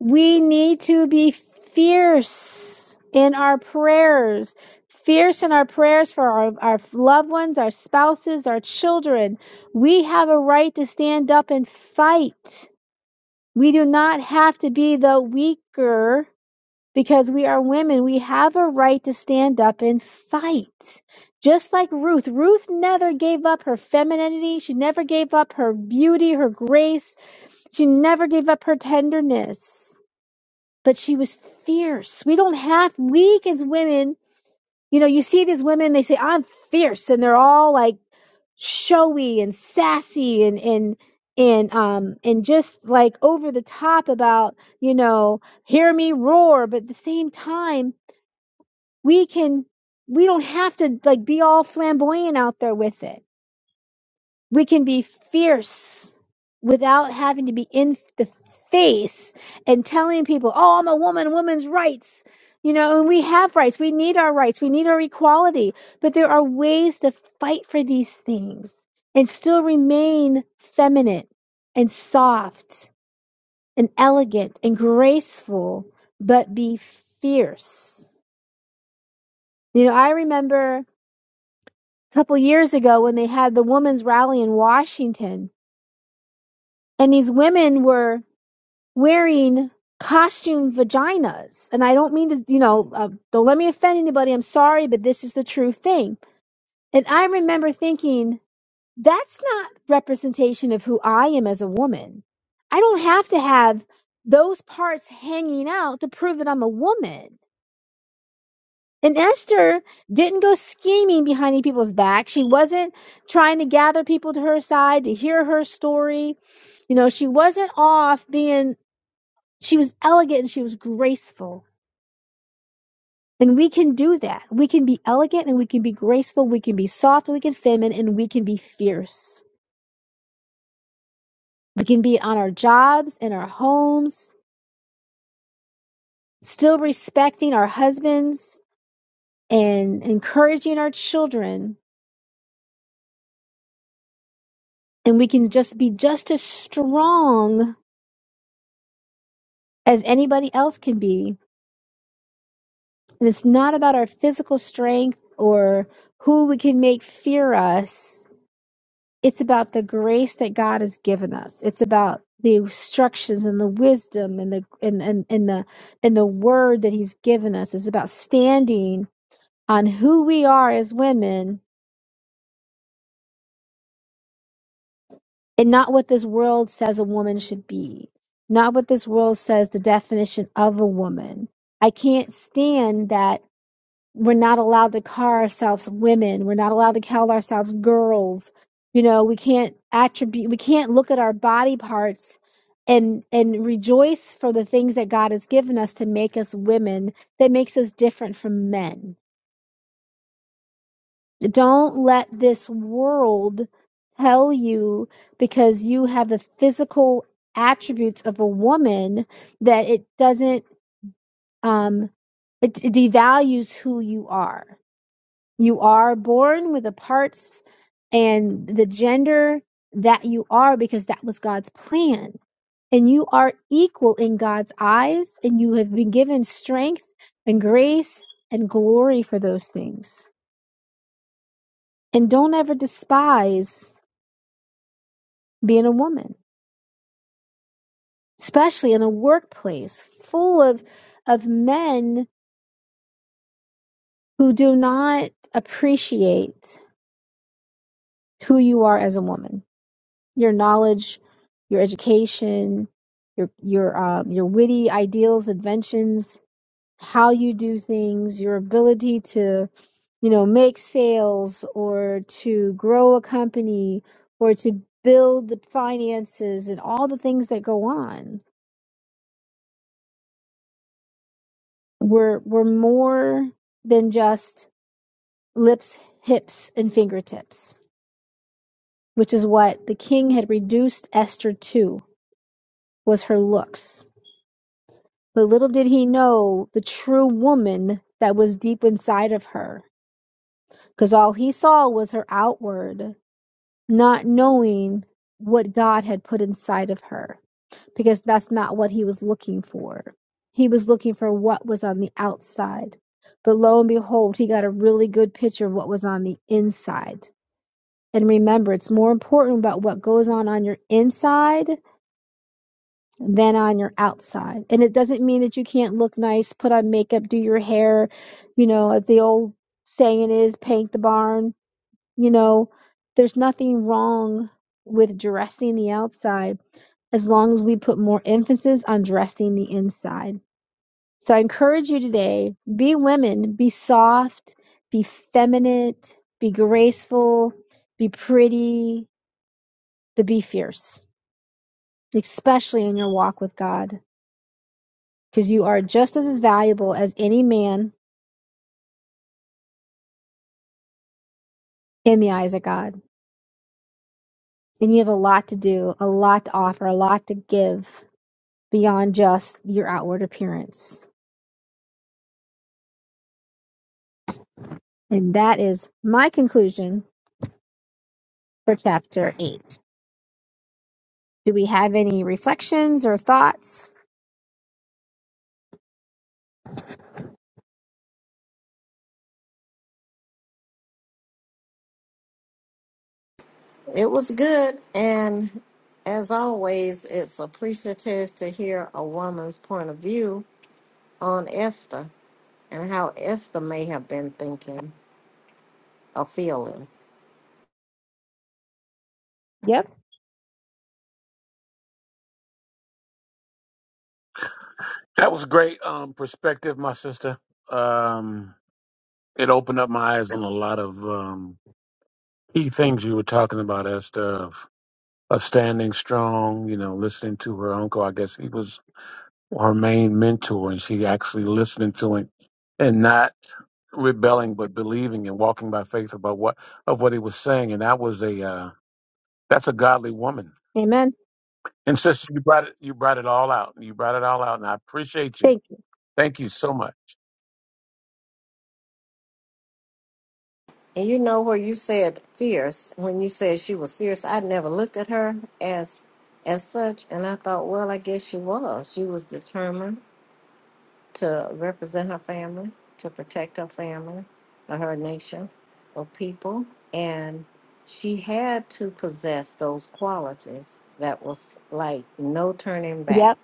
We need to be fierce in our prayers. Fierce in our prayers for our, our loved ones, our spouses, our children. We have a right to stand up and fight We do not have to be the weaker because we are women. We have a right to stand up and fight. Just like Ruth. Ruth never gave up her femininity. She never gave up her beauty, her grace. She never gave up her tenderness. But she was fierce. We don't have, weak as women, you know, you see these women, they say, I'm fierce. And they're all like, showy and sassy and and and um and just like over the top about you know hear me roar but at the same time we can we don't have to like be all flamboyant out there with it we can be fierce without having to be in the face and telling people, oh, I'm a woman, women's rights. You know, and we have rights. We need our rights. We need our equality. But there are ways to fight for these things and still remain feminine and soft and elegant and graceful, but be fierce. You know, I remember a couple years ago when they had the women's rally in Washington, and these women were wearing costume vaginas. And I don't mean to, you know, uh, don't let me offend anybody. I'm sorry, but this is the true thing. And I remember thinking, that's not representation of who I am as a woman. I don't have to have those parts hanging out to prove that I'm a woman. And Esther didn't go scheming behind people's back. She wasn't trying to gather people to her side to hear her story. You know, she wasn't off being she was elegant and she was graceful. And we can do that. We can be elegant and we can be graceful. We can be soft and we can be feminine and we can be fierce. We can be on our jobs and our homes, still respecting our husbands and encouraging our children. And we can just be just as strong as anybody else can be. And it's not about our physical strength or who we can make fear us it's about the grace that God has given us. It's about the instructions and the wisdom and the and and, and the and the word that He's given us. It's about standing on who we are as women and not what this world says a woman should be, not what this world says the definition of a woman. I can't stand that we're not allowed to call ourselves women. We're not allowed to call ourselves girls. You know, we can't attribute, we can't look at our body parts and and rejoice for the things that God has given us to make us women that makes us different from men. Don't let this world tell you because you have the physical attributes of a woman that it doesn't um it, it devalues who you are You are born with the parts and the gender that you are because that was God's plan. And you are equal in God's eyes, and you have been given strength and grace and glory for those things. And don't ever despise being a woman, especially in a workplace full of, of men who do not appreciate who you are as a woman your knowledge, your education, your your um, your witty ideals, inventions, how you do things, your ability to you know make sales or to grow a company or to build the finances and all the things that go on. We're we're more than just lips, hips, and fingertips, which is what the king had reduced Esther to was her looks But little did he know the true woman that was deep inside of her, because all he saw was her outward, not knowing what God had put inside of her, because that's not what he was looking for. He was looking for what was on the outside. But lo and behold, he got a really good picture of what was on the inside. And remember, it's more important about what goes on on your inside than on your outside. And it doesn't mean that you can't look nice, put on makeup, do your hair, you know, as the old saying is, paint the barn. You know, there's nothing wrong with dressing the outside as long as we put more emphasis on dressing the inside. So I encourage you today be women, be soft, be feminine, be graceful, be pretty, but be fierce, especially in your walk with God. because you are just as valuable as any man in the eyes of God. And you have a lot to do, a lot to offer, a lot to give beyond just your outward appearance. And that is my conclusion for chapter 8. Do we have any reflections or thoughts? It was good. And as always, it's appreciative to hear a woman's point of view on Esther and how Esther may have been thinking or feeling. Yep. That was great um, perspective, my sister. Um, it opened up my eyes on a lot of um, key things you were talking about, Esther. of standing strong, you know, listening to her uncle. I guess he was her main mentor, and she actually listening to him and not rebelling, but believing and walking by faith about what of what he was saying. And that was a uh, that's a godly woman. Amen. And sister, you brought it you brought it all out. You brought it all out, and I appreciate you. Thank Thank you so much. And you know, where you said fierce, when you said she was fierce, I never looked at her as as such and I thought, well, I guess she was. She was determined to represent her family, to protect her family, or her nation, or people. And she had to possess those qualities that was like no turning back. Yep.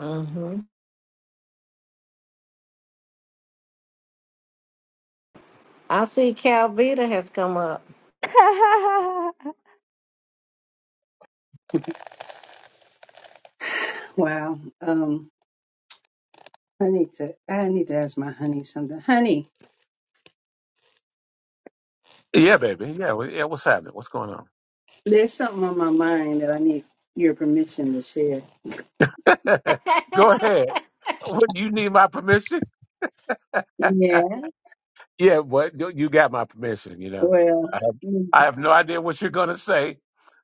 hmm I see Calvita has come up. Wow. Um, I need to I need to ask my honey something. Honey, Yeah, baby. Yeah, well, yeah. What's happening? What's going on? there's something on my mind that I need your permission to share. Go ahead. What you need my permission? Yeah. Yeah, what you you got my permission. You know, Well I have, mm, I have no idea what you're going to say,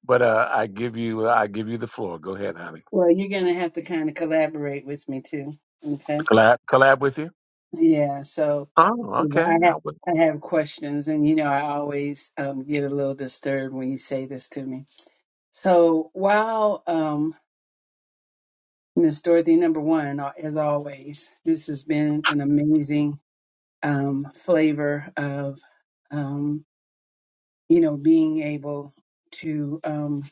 but uh, I give you I give you the floor. Go ahead, honey. well you're gonna have to kinda collaborate with me too. Okay. Collab collab with you. Yeah, so Oh, okay. I I have would. I have questions and you know I always um, get a little disturbed when you say this to me. So while um Miss Dorothy number one, uh, as always, this has been an amazing um, flavor of um, you know being able to um,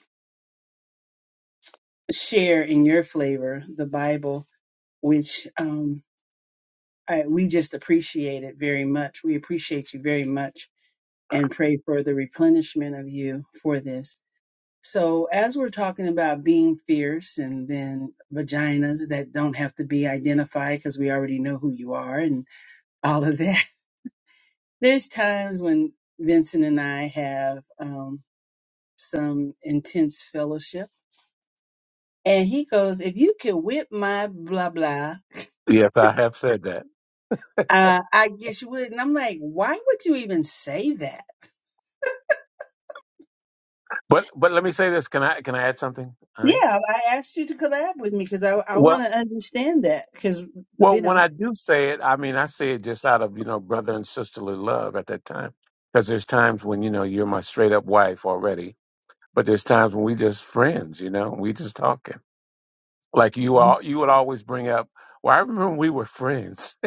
share in your flavor the Bible, which um, I, we just appreciate it very much. We appreciate you very much and pray for the replenishment of you for this. So as we're talking about being fierce and then vaginas that don't have to be identified because we already know who you are and all of that. There's times when Vincent and I have. Um, some intense fellowship. And he goes, If you could whip my blah blah, Yes, I have said that. uh, I guess you would. And I'm like, Why would you even say that? But but let me say this. Can I can I add something, Yeah, honey? I asked you to collab with me because I, I Well, want to understand that. Because, well, you when know, I do say it, I mean I say it just out of you know brother and sisterly love at that time, because there's times when you know you're my straight up wife already, but there's times when we just friends. You know, we just talking. Like you all, you would always bring up. Well, I remember we were friends.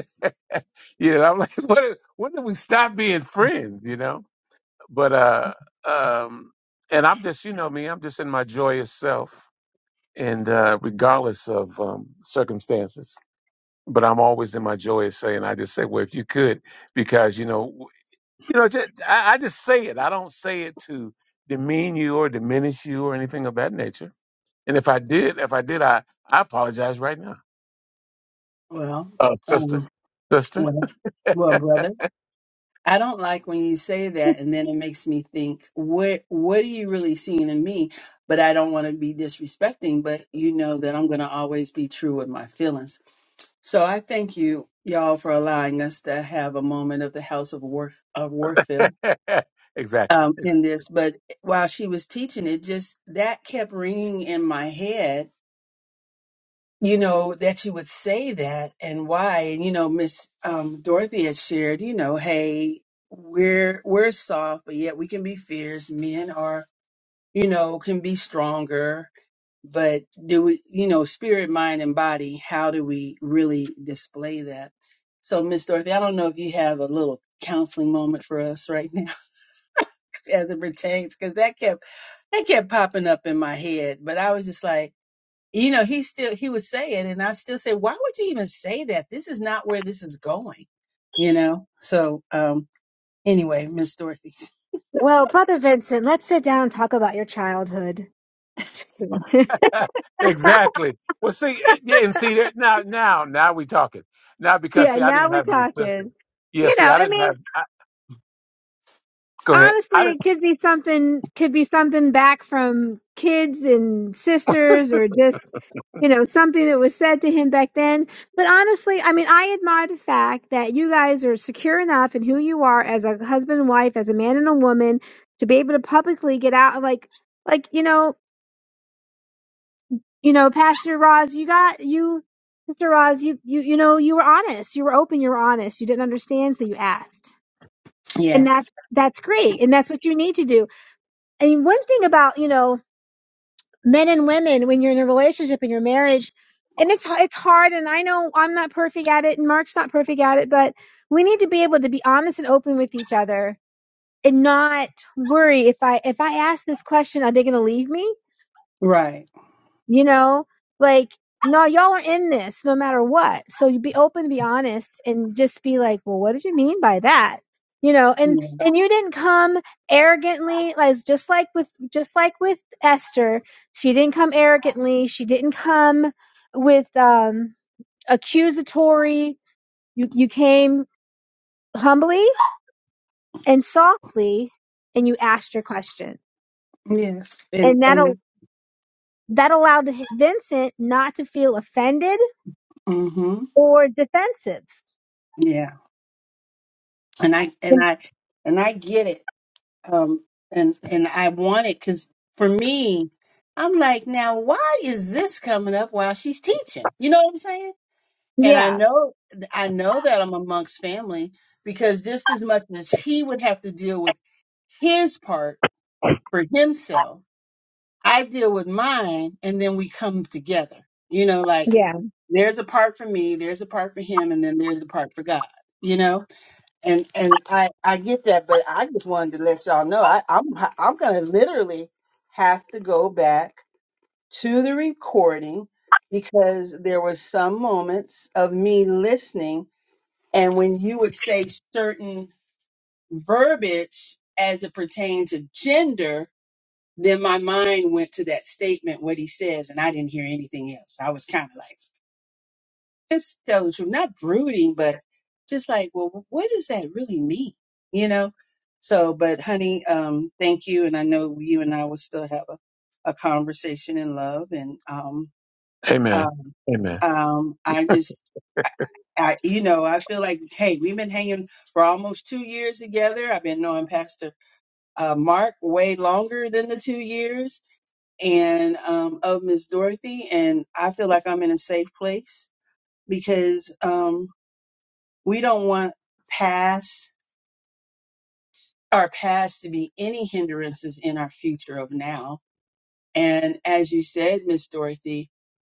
you know, I'm like, what? When did we stop being friends? You know. But uh, um, and I'm just, you know, me. I'm just in my joyous self, and uh, regardless of um, circumstances. But I'm always in my joyous saying. I just say, well, if you could, because you know, w- you know, just, I, I just say it. I don't say it to demean you or diminish you or anything of that nature. And if I did, if I did, I I apologize right now. well, uh, sister, um, sister. well, well, brother, I don't like when you say that, and then it makes me think, what what are you really seeing in me? But I don't want to be disrespecting. But you know that I'm going to always be true with my feelings. So I thank you, y'all, for allowing us to have a moment of the House of Warf of Warfield exactly, um, in this. But while she was teaching it, just that kept ringing in my head. You know that you would say that and why. And you know, Miss um, Dorothy had shared. You know, hey, we're we're soft, but yet we can be fierce. Men are, you know, can be stronger but do we you know spirit mind and body how do we really display that so miss dorothy i don't know if you have a little counseling moment for us right now as it pertains because that kept that kept popping up in my head but i was just like you know he still he would say it and i still say why would you even say that this is not where this is going you know so um anyway miss dorothy well, Brother Vincent, let's sit down and talk about your childhood. Just kidding. Ex- exactly. Well, see, eh, yeah, and see that now, now, now we talking now because yeah, see, I now didn't we're have any talking. sisters. Yeah, You know, see, I I didn't mean, have. I, go ahead. honestly, I didn't. it could be something, could be something back from kids and sisters or just, you know, something that was said to him back then. But honestly, I mean, I admire the fact that you guys are secure enough in who you are as a husband and wife, as a man and a woman to be able to publicly get out like, like, you know, you know, Pastor Roz, you got you, Sister Roz, you you you know, you were honest, you were open, you were honest, you didn't understand, so you asked, and yeah that's that's great, and that's what you need to do. And one thing about you know, men and women when you're in a relationship in your marriage, and it's it's hard, and I know I'm not perfect at it, and Mark's not perfect at it, but we need to be able to be honest and open with each other. And not worry if I if I ask this question, are they going to leave me? right you know like no y'all are in this no matter what so you be open be honest and just be like well what did you mean by that you know and yeah. and you didn't come arrogantly like just like with just like with esther she didn't come arrogantly she didn't come with um accusatory you you came humbly and softly and you asked your question yes and and that'll and that allowed vincent not to feel offended mm-hmm. or defensive Yeah. and I and I and I get it. Um, and and I want it because for me, I'm like, now why is this coming up while she's teaching? You know what I'm saying? And I Yeah, know I know that I'm amongst family because just as much as he would have to deal with his part for himself, I deal with mine, and then we come together. You know, like yeah. there's a part for me, there's a part for him, and then there's a part for God. You know and and I I get that, but I just wanted to let y'all know I I'm I'm gonna literally have to go back to the recording because there was some moments of me listening, and when you would say certain verbiage as it pertained to gender, then my mind went to that statement what he says, and I didn't hear anything else. I was kind of like. Just tell the truth, not brooding, but just like, well, what does that really mean? You know? So, but honey, um, thank you. And I know you and I will still have a, a conversation in love. And, um, Amen. um, Amen. um, I just, I, I, you know, I feel like, hey, we've been hanging for almost two years together. I've been knowing Pastor uh, Mark way longer than the two years and um, of Miss Dorothy. And I feel like I'm in a safe place because. um we don't want past our past to be any hindrances in our future of now. And as you said, Miss Dorothy,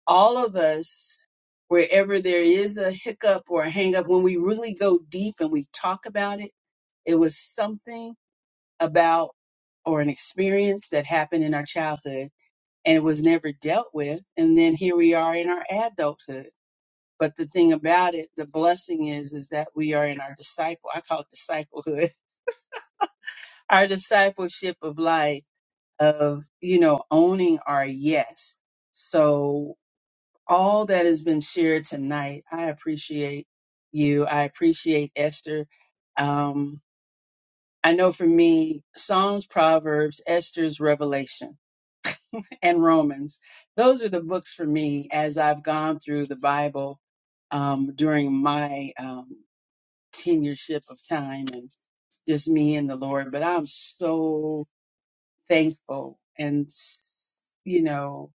all of us, wherever there is a hiccup or a hang up, when we really go deep and we talk about it, it was something about or an experience that happened in our childhood and it was never dealt with. And then here we are in our adulthood. But the thing about it, the blessing is, is that we are in our disciple. I call it disciplehood our discipleship of life of you know owning our yes so all that has been shared tonight i appreciate you i appreciate esther um i know for me psalms proverbs esther's revelation and romans those are the books for me as i've gone through the bible um during my um tenureship of time and just me and the lord but i'm so thankful and, you know,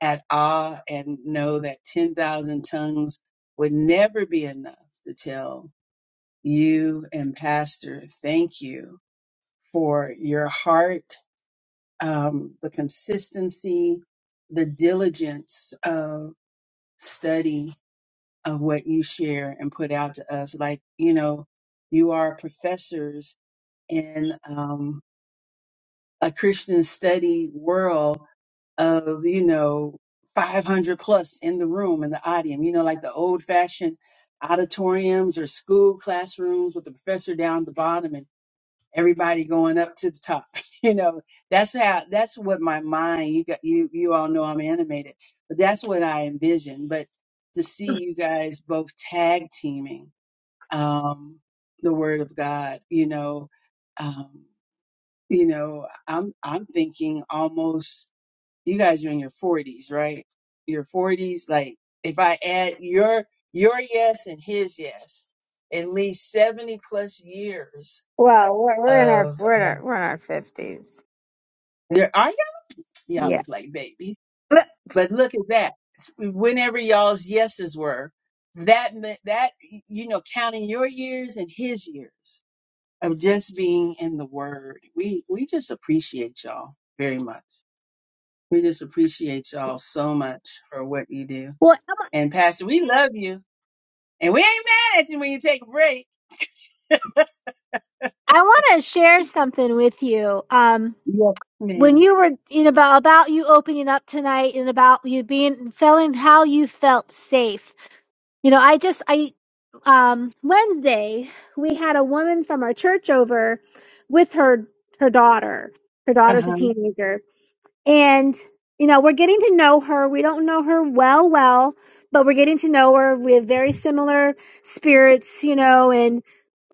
at awe and know that 10,000 tongues would never be enough to tell you and Pastor, thank you for your heart, um, the consistency, the diligence of study of what you share and put out to us. Like, you know, you are professors in um, a Christian study world of you know 500 plus in the room in the audience you know like the old fashioned auditoriums or school classrooms with the professor down at the bottom and everybody going up to the top you know that's how that's what my mind you got you you all know i'm animated but that's what i envision but to see you guys both tag teaming um the word of god you know um you know i'm i'm thinking almost you guys are in your forties, right? Your forties, like if I add your your yes and his yes, at least seventy plus years Well, we're, we're in our of we're in um, our we're in our fifties. there are y'all, y'all Yeah. look like baby, But- but look at that. Whenever y'all's yeses were, that meant that you know counting your years and his years of just being in the word. We we just appreciate y'all very much. We just appreciate y'all so much for what you do Well, Emma, And Pastor, we love you. And we ain't mad at you when you take a break. I want to share something with you. Um, Yes, when ma'am. you were you know about about you opening up tonight and about you being feeling how you felt safe. You know, I just I um Wednesday we had a woman from our church over with her her daughter. Her daughter's a Uh-huh. teenager and you know we're getting to know her we don't know her well well but we're getting to know her we have very similar spirits you know and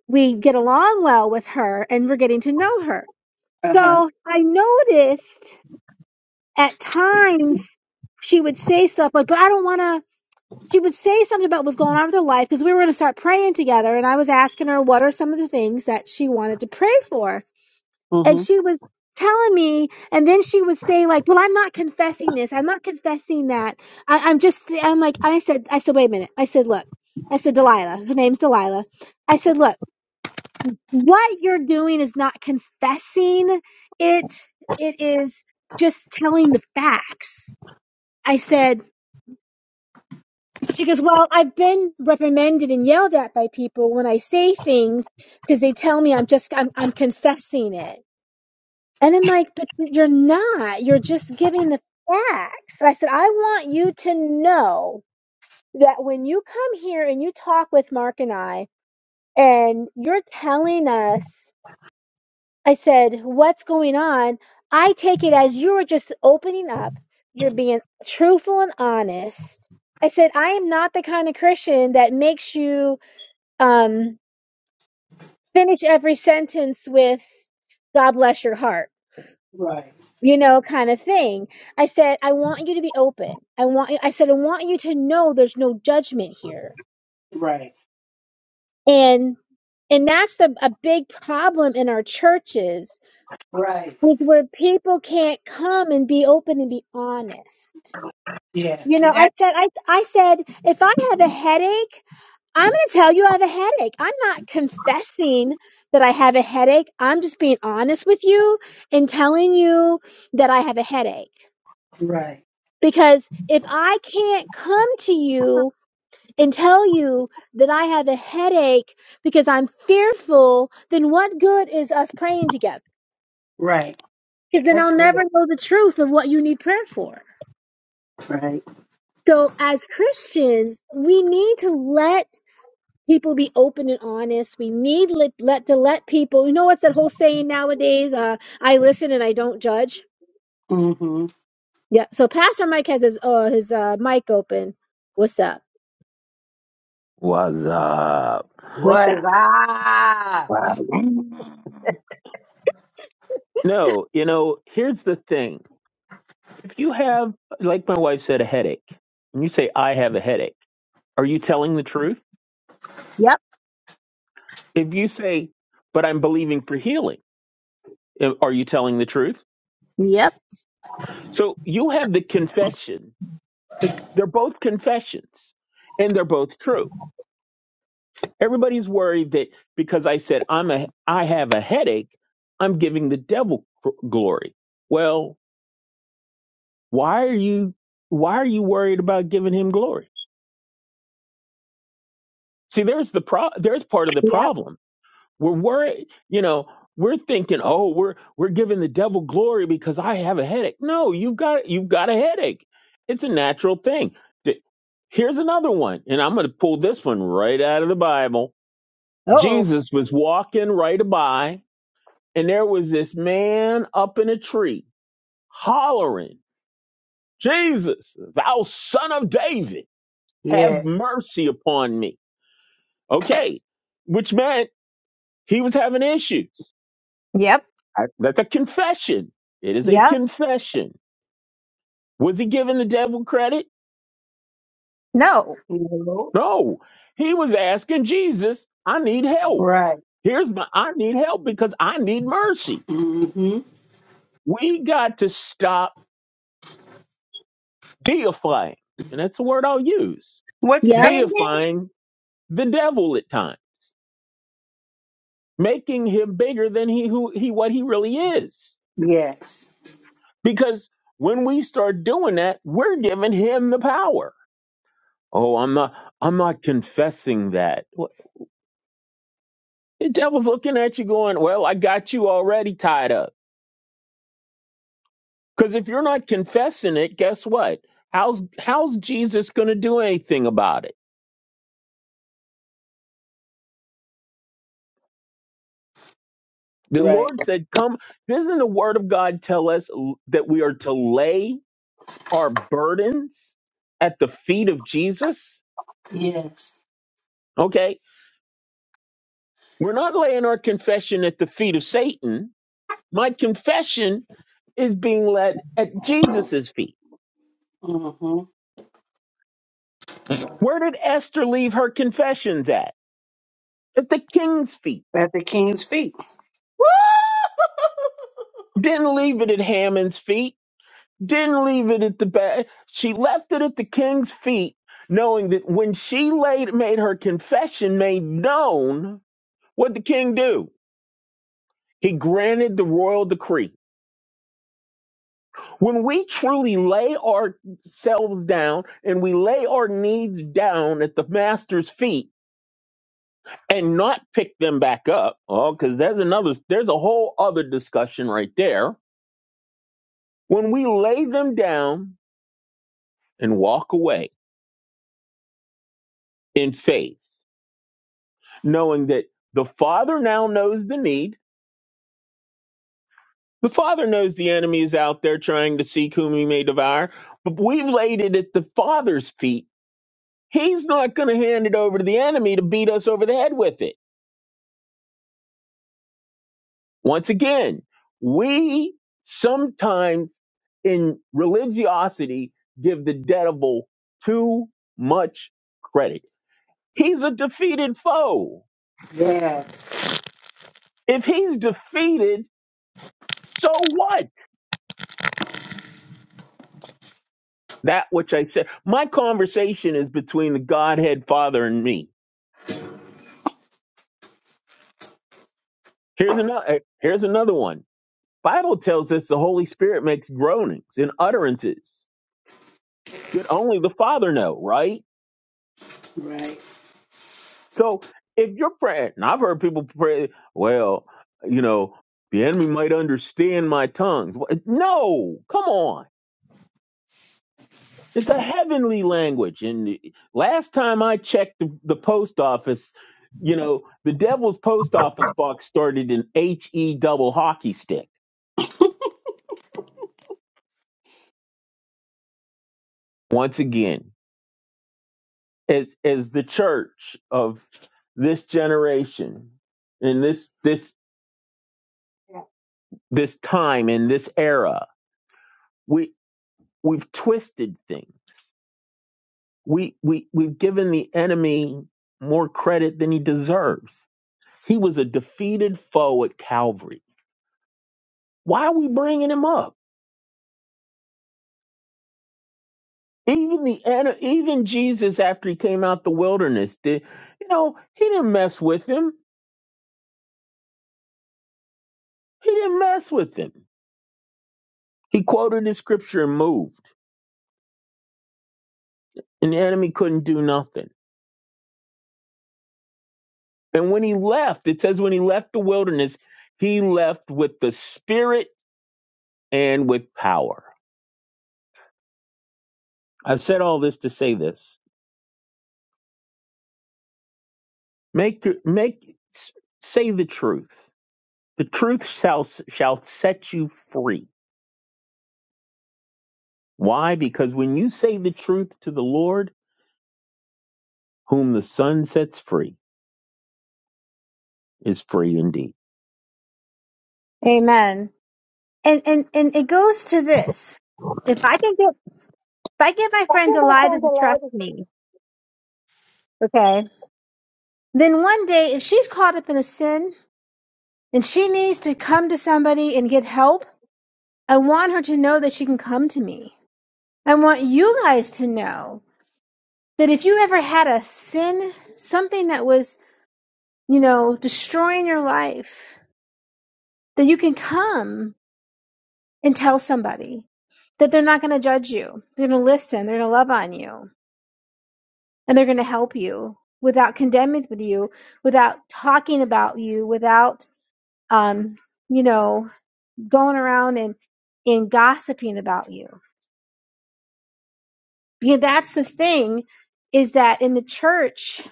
we get along well with her and we're getting to know her Uh-huh. so i noticed at times she would say stuff like but i don't want to she would say something about what's going on with her life because we were going to start praying together and i was asking her what are some of the things that she wanted to pray for and Mm-hmm. she was telling me and then she was saying like well i'm not confessing this i'm not confessing that I, i'm just i'm like i said i said wait a minute i said look i said delilah her name's delilah i said look what you're doing is not confessing it it is just telling the facts i said she goes well i've been reprimanded and yelled at by people when i say things because they tell me i'm just i'm, I'm confessing it And I'm like, but you're not. You're just giving the facts. I said, I want you to know that when you come here and you talk with Mark and I, and you're telling us, I said, what's going on? I take it as you are just opening up. You're being truthful and honest. I said, I am not the kind of Christian that makes you um, finish every sentence with, God bless your heart. Right. you know, kind of thing. I said, I want you to be open. I want you, I said, I want you to know there's no judgment here. Right. And, and that's the, a big problem in our churches Right. is where people can't come and be open and be honest. Yeah. You know, Is I that said, I, I said, if I have a headache, I'm going to tell you I have a headache. I'm not confessing that I have a headache. I'm just being honest with you and telling you that I have a headache right? Because if I can't come to you and tell you that I have a headache because I'm fearful, then what good is us praying together? Right. Because then That's I'll good. never know the truth of what you need prayer for. Right. So as Christians, we need to let people be open and honest. We need let, let to let people, you know, what's that whole saying nowadays? Uh, I listen and I don't judge. Mm-hmm. Yeah. So Pastor Mike has his, uh, his, uh, mic open. What's up? What's up? What's Was up? I? No, you know, here's the thing. If you have, like my wife said, a headache, and you say, I have a headache, are you telling the truth? Yep. If you say, but I'm believing for healing, eh, are you telling the truth? Yep. So you have the confession. It's, they're both confessions, and they're both true. Everybody's worried that because I said I'm a I have a headache, I'm giving the devil cr- glory. Well, why are you why are you worried about giving him glory? See, there's the pro- there's part of the Yep. problem. We're worried, you know, we're thinking, "Oh, we're we're giving the devil glory because I have a headache." No, you've got you've got a headache. It's a natural thing. D- Here's another one, and I'm going to pull this one right out of the Bible. Oh, Jesus was walking right by and there was this man up in a tree hollering, Jesus, thou son of David, have Yeah. mercy upon me. Okay, which meant he was having issues. yep, I- That's a confession. It is a yep, confession. Was he giving the devil credit? no, No. No. He was asking Jesus, I need help. Right. Here's my, I need help because I need mercy. Mm-hmm. We got to stop deifying. And that's the word I'll use. What say yep, it Deifying the devil at times, making him bigger than he who he what he really is. again? Yes. Because when we start doing that, we're giving him the power. Oh, I'm not I'm not confessing that. Well, The devil's looking at you going, "Well, I got you already tied up." Cuz if you're not confessing it, guess what? How's how's Jesus going to do anything about it? The Right. Lord said, "Come." Doesn't the word of God tell us that we are to lay our burdens at the feet of Jesus? Yes. Okay? We're not laying our confession at the feet of Satan. My confession is being led at Jesus' feet. Mm-hmm. Where did Esther leave her confessions at? At the king's feet. At the king's feet. Woo! Didn't leave it at Haman's feet. Didn't leave it at the back. She left it at the king's feet, knowing that when she laid, made her confession made known, what did the king do? He granted the royal decree. When we truly lay ourselves down and we lay our needs down at the master's feet and not pick them back up, oh, because there's another, there's a whole other discussion right there. When we lay them down and walk away in faith, knowing that the Father now knows the need, the Father knows the enemy is out there trying to seek whom he may devour, but we've laid it at the Father's feet. He's not going to hand it over to the enemy to beat us over the head with it Once again, we sometimes in religiosity give the devil too much credit. He's a defeated foe. Yeah. If he's defeated, so what? That which I said. My conversation is between the Godhead Father and me. Here's another here's another one. Bible tells us the Holy Spirit makes groanings and utterances that only the Father know, right? Right. So if you're praying, and I've heard people pray, well, you know, the enemy might understand my tongues. Wha- No, come on. It's a heavenly language. And last time I checked the, the post office, you know, the devil's post office box started in H E double hockey stick. Once again, as as the church of this generation in this this this time in this era. we. We've twisted things. We we we've given the enemy more credit than he deserves. He was a defeated foe at Calvary. Why are we bringing him up? Even the ene- even Jesus after he came out the wilderness did you know he didn't mess with him. He didn't mess with him. He quoted his scripture and moved, and the enemy couldn't do nothing. And when he left, it says when he left the wilderness, he left with the spirit and with power. I've said all this to say this. Make make say the truth. The truth shall shall set you free. Why? Because when you say the truth to the Lord, whom the Son sets free is free indeed. amen. And and and it goes to this: if I can get if I get my friend Delilah to trust me, okay, then one day if she's caught up in a sin and she needs to come to somebody and get help, I want her to know that she can come to me. I want you guys to know that if you ever had a sin, something that was you know destroying your life, that you can come and tell somebody that they're not going to judge you. They're going to listen. They're going to love on you and they're going to help you without condemning with you, without talking about you, without, um, you know, going around and, and gossiping about you. You know, that's the thing is that in the church,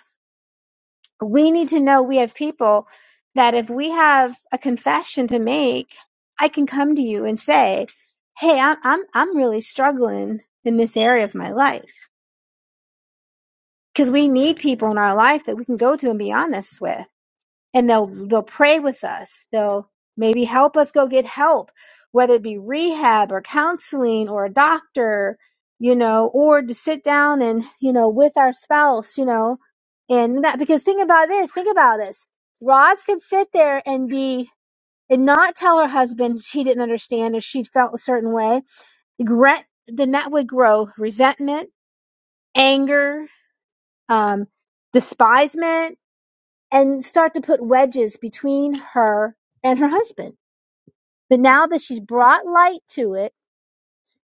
we need to know we have people that if we have a confession to make, I can come to you and say, Hey, I'm, I'm, I'm really struggling in this area of my life because we need people in our life that we can go to and be honest with and they'll they'll pray with us they'll maybe help us go get help whether it be rehab or counseling or a doctor you know or to sit down and you know with our spouse you know and that because think about this think about this rods could sit there and be and not tell her husband she didn't understand or she felt a certain way Regret- then that would grow resentment anger um, despisement and start to put wedges between her and her husband. But now that she's brought light to it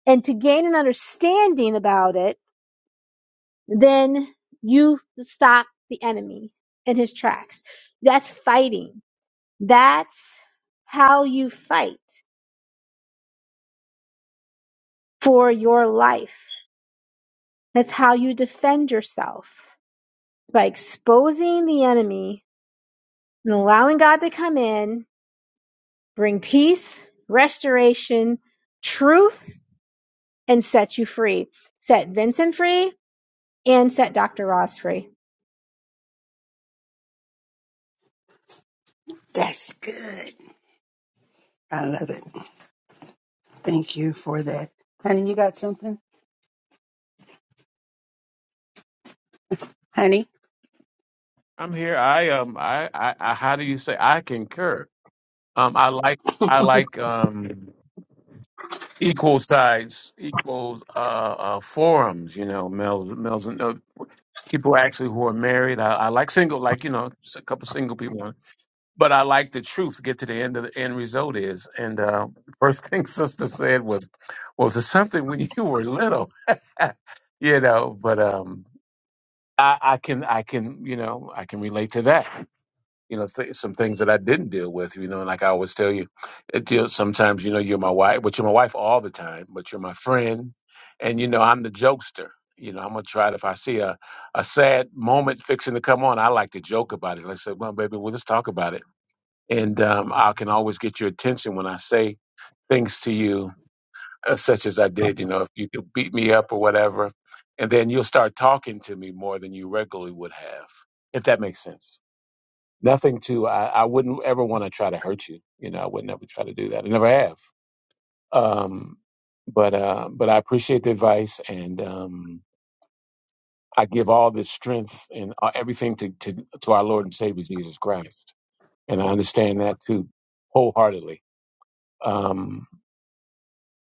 and to gain an understanding about it, then you stop the enemy in his tracks. That's fighting. That's how you fight for your life. That's how you defend yourself by exposing the enemy and allowing God to come in bring peace, restoration, truth, and set you free. Set Vincent free and set Dr. Ross free. That's good. I love it. Thank you for that. Honey, you got something? Honey? I'm here. I um. I, I I. How do you say? I concur. Um. I like. I like. Um. Equal sides, equals uh, uh forums. You know, males, males, and uh, people actually who are married. I, I like single, like you know, s- a couple single people. but I like the truth. Get to the end of the end result is, and uh, first thing sister said was, was it something when you were little, you know? But um, I, I can, I can, you know, I can relate to that. You know, th- some things that I didn't deal with. You know, and like I always tell you, it, you know, sometimes you know you're my wife, but you're my wife all the time. But you're my friend, and you know I'm the jokester. You know, I'm gonna try it if I see a, a sad moment fixing to come on. I like to joke about it. Like I said, well, baby, we'll just talk about it and um, I can always get your attention when I say things to you, uh, such as I did. You know, if you could beat me up or whatever, and then you'll start talking to me more than you regularly would have, if that makes sense. Nothing to I, I wouldn't ever want to try to hurt you. You know, I would never try to do that. I never have. Um, but uh, but I appreciate the advice, and um, I give all this strength and uh, everything to, to to our Lord and Savior Jesus Christ, and I understand that too wholeheartedly. Um,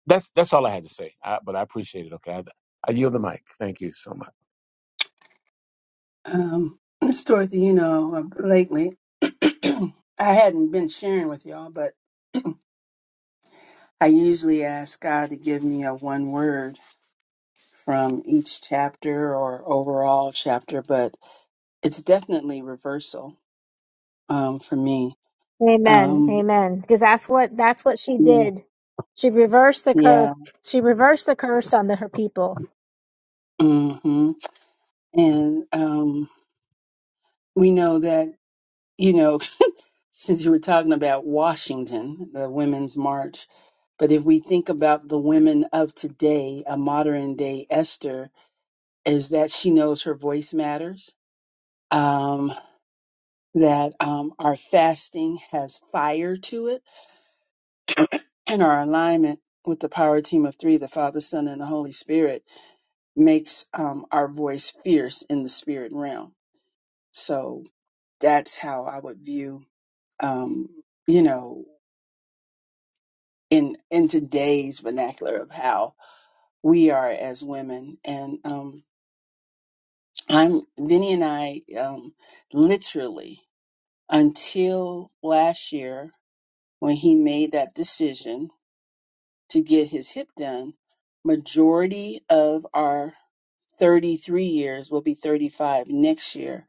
That's that's all I had to say. I, but I appreciate it. Okay, I, I yield the mic. Thank you so much. Um, Miss Dorothy, you know, lately I hadn't been sharing with y'all, but I usually ask God to give me a one word from each chapter or overall chapter, but it's definitely reversal um, for me. Amen. Um, Amen. Because that's what that's what she did. She reversed the curse. yeah. She reversed the curse on the, her people. hmm And um, we know that, you know. since you were talking about Washington, the Women's March, but if we think about the women of today, a modern day Esther, is that she knows her voice matters, um, that um, our fasting has fire to it, and our alignment with the power team of three, the Father, Son, and the Holy Spirit, makes um, our voice fierce in the spirit realm. So that's how I would view, um, you know, in in today's vernacular of how we are as women. And um, I'm Vinny and I um, literally until last year when he made that decision to get his hip done, majority of our 33 years will be 35 next year,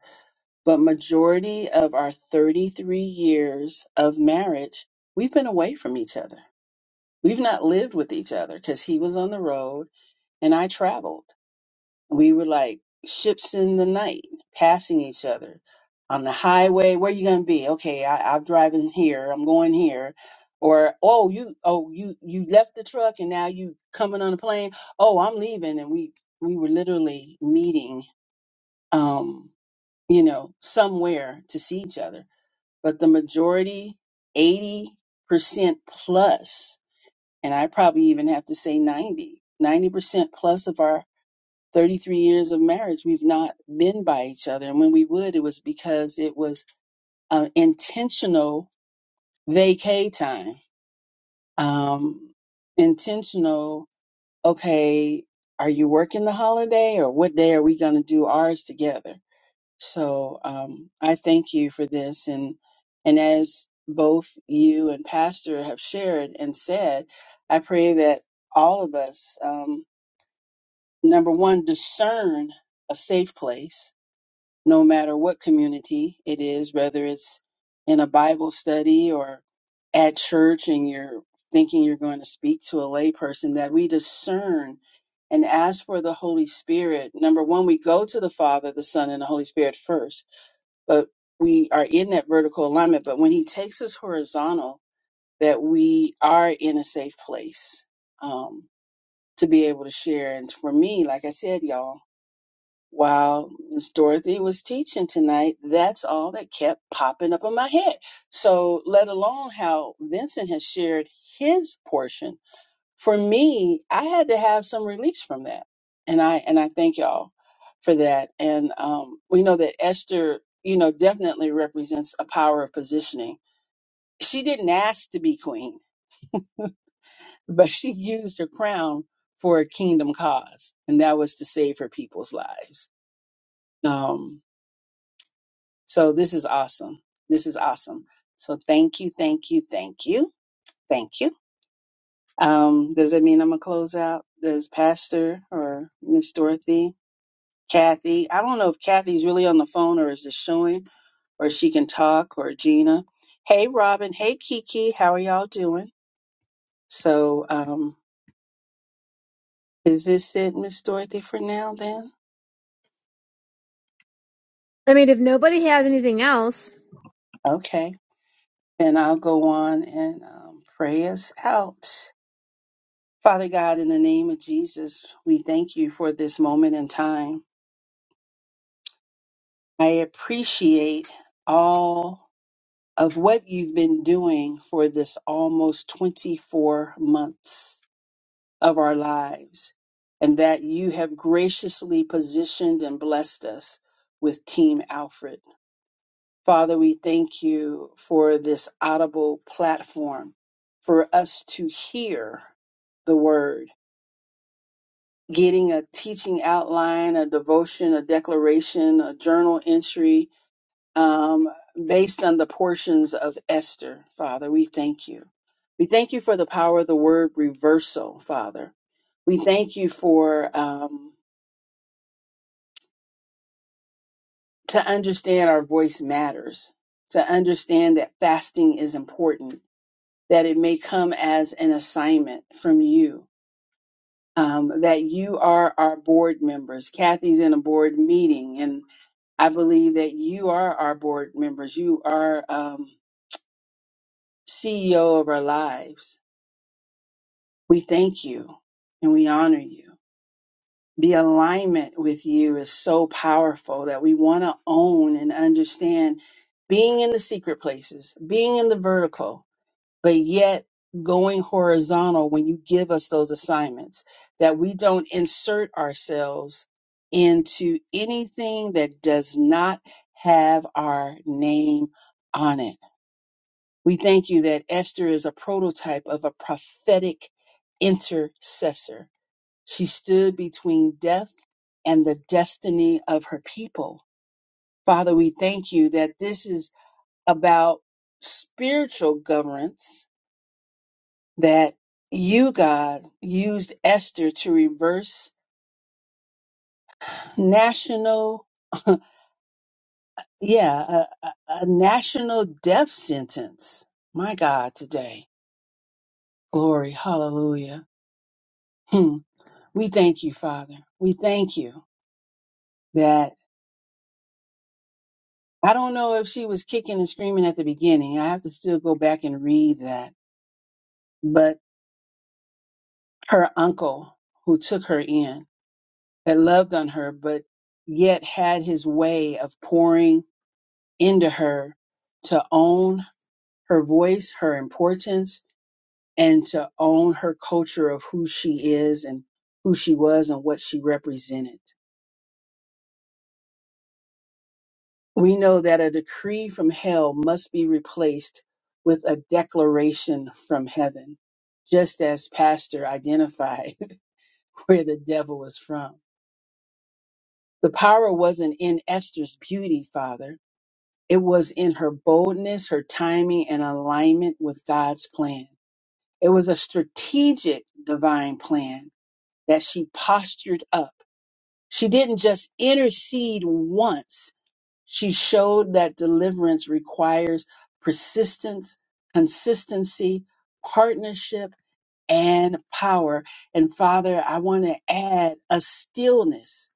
but majority of our 33 years of marriage, we've been away from each other. We've not lived with each other because he was on the road and I traveled we were like ships in the night, passing each other on the highway. Where you gonna be? Okay, I, I'm driving here. I'm going here. Or oh, you oh you you left the truck and now you coming on a plane. Oh, I'm leaving, and we we were literally meeting, um, you know, somewhere to see each other. But the majority, eighty percent plus, and I probably even have to say ninety ninety percent plus of our 33 years of marriage, we've not been by each other. And when we would, it was because it was uh, intentional vacay time. Um, intentional, okay, are you working the holiday or what day are we going to do ours together? So um, I thank you for this. And, and as both you and Pastor have shared and said, I pray that all of us, um, number one, discern a safe place no matter what community it is, whether it's in a Bible study or at church and you're thinking you're going to speak to a layperson, that we discern and ask for the Holy Spirit. Number one, we go to the Father, the Son, and the Holy Spirit first, but we are in that vertical alignment. But when He takes us horizontal, that we are in a safe place um, to be able to share. And for me, like I said, y'all, while Miss Dorothy was teaching tonight, that's all that kept popping up in my head. So, let alone how Vincent has shared his portion. For me, I had to have some release from that, and I and I thank y'all for that. And um, we know that Esther, you know, definitely represents a power of positioning. She didn't ask to be queen, but she used her crown for a kingdom cause, and that was to save her people's lives. Um, So this is awesome. This is awesome. So thank you, thank you, thank you, thank you. Um, does that mean I'm gonna close out? Does Pastor or Miss Dorothy, Kathy? I don't know if Kathy's really on the phone or is just showing, or she can talk, or Gina. Hey, Robin. Hey, Kiki. How are y'all doing? So, um, is this it, Miss Dorothy, for now? Then, I mean, if nobody has anything else, okay. Then I'll go on and um, pray us out. Father God, in the name of Jesus, we thank you for this moment in time. I appreciate all of what you've been doing for this almost 24 months of our lives, and that you have graciously positioned and blessed us with Team Alfred. Father, we thank you for this audible platform for us to hear the word getting a teaching outline, a devotion, a declaration, a journal entry um, based on the portions of Esther, Father. We thank you. We thank you for the power of the word reversal, Father. We thank you for um, to understand our voice matters, to understand that fasting is important, that it may come as an assignment from you. Um, that you are our board members. Kathy's in a board meeting, and. I believe that you are our board members. You are um, CEO of our lives. We thank you and we honor you. The alignment with you is so powerful that we want to own and understand being in the secret places, being in the vertical, but yet going horizontal when you give us those assignments, that we don't insert ourselves into anything that does not have our name on it We thank you that Esther is a prototype of a prophetic intercessor. She stood between death and the destiny of her people. Father, we thank you that this is about spiritual governance, that you, God, used Esther to reverse national, yeah, a, a a national death sentence. My God, today. Glory, hallelujah. Hmm. We thank you, Father. We thank you that I don't know if she was kicking and screaming at the beginning. I have to still go back and read that. But her uncle who took her in, that loved on her, but yet had his way of pouring into her to own her voice, her importance, and to own her culture of who she is and who she was and what she represented. we know that a decree from hell must be replaced with a declaration from heaven, just as Pastor identified where the devil was from. The power wasn't in Esther's beauty, Father. It was in her boldness, her timing, and alignment with God's plan. It was a strategic divine plan that she postured up. She didn't just intercede once She showed that deliverance requires persistence, consistency, partnership, and power. And Father, I want to add a stillness.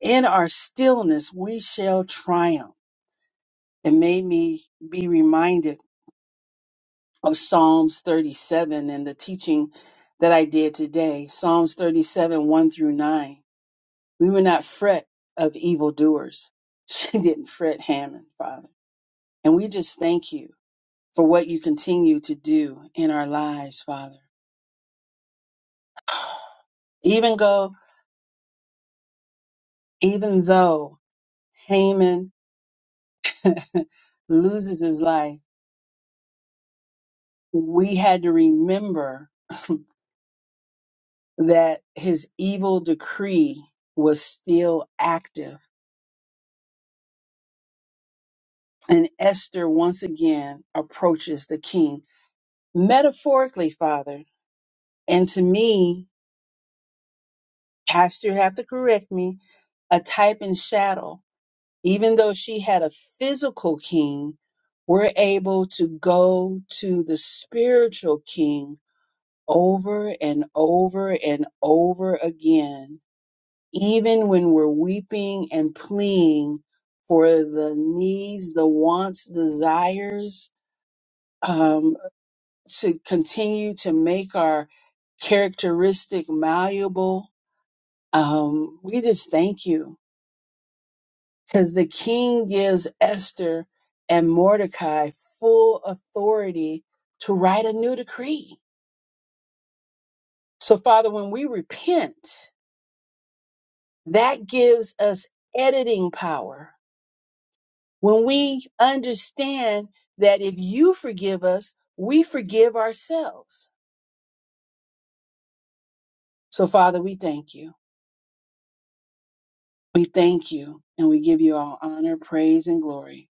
In our stillness, we shall triumph. It made me be reminded of Psalms 37 and the teaching that I did today. Psalms 37, 1 through 9. We were not fret of evildoers. She didn't fret Hammond, Father. And we just thank you for what you continue to do in our lives, Father. Even go, even though Haman loses his life, we had to remember that his evil decree was still active. And Esther once again approaches the king metaphorically, Father. And to me, Pastor, you have to correct me, a type and shadow Even though she had a physical king, we're able to go to the spiritual king over and over and over again, even when we're weeping and pleading for the needs, the wants, desires, um, to continue to make our characteristic malleable. Um, we just thank you because the king gives Esther and Mordecai full authority to write a new decree. So, Father, when we repent, that gives us editing power. When we understand that if you forgive us, we forgive ourselves. So, Father, we thank you. We thank you and we give you all honor, praise, and glory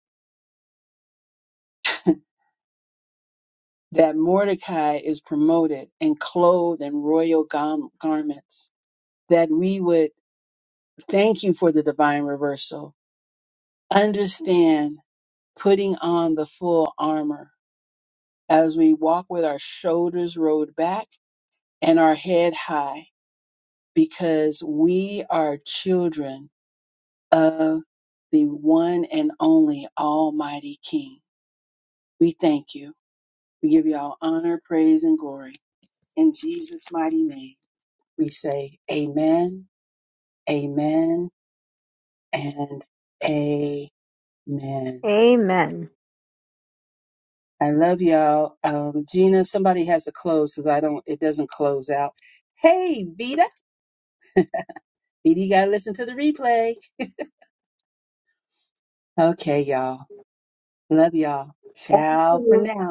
that Mordecai is promoted and clothed in royal gam- garments, that we would Thank you for the divine reversal. Understand putting on the full armor as we walk with our shoulders rolled back and our head high because we are children of the one and only Almighty King. We thank you. We give you all honor, praise, and glory. In Jesus' mighty name, we say amen, amen, and amen. amen. I love y'all. Um, Gina, somebody has to close because I don't, it doesn't close out. Hey, Vita. Vita, you got to listen to the replay. Okay, y'all. Love y'all. Ciao for now.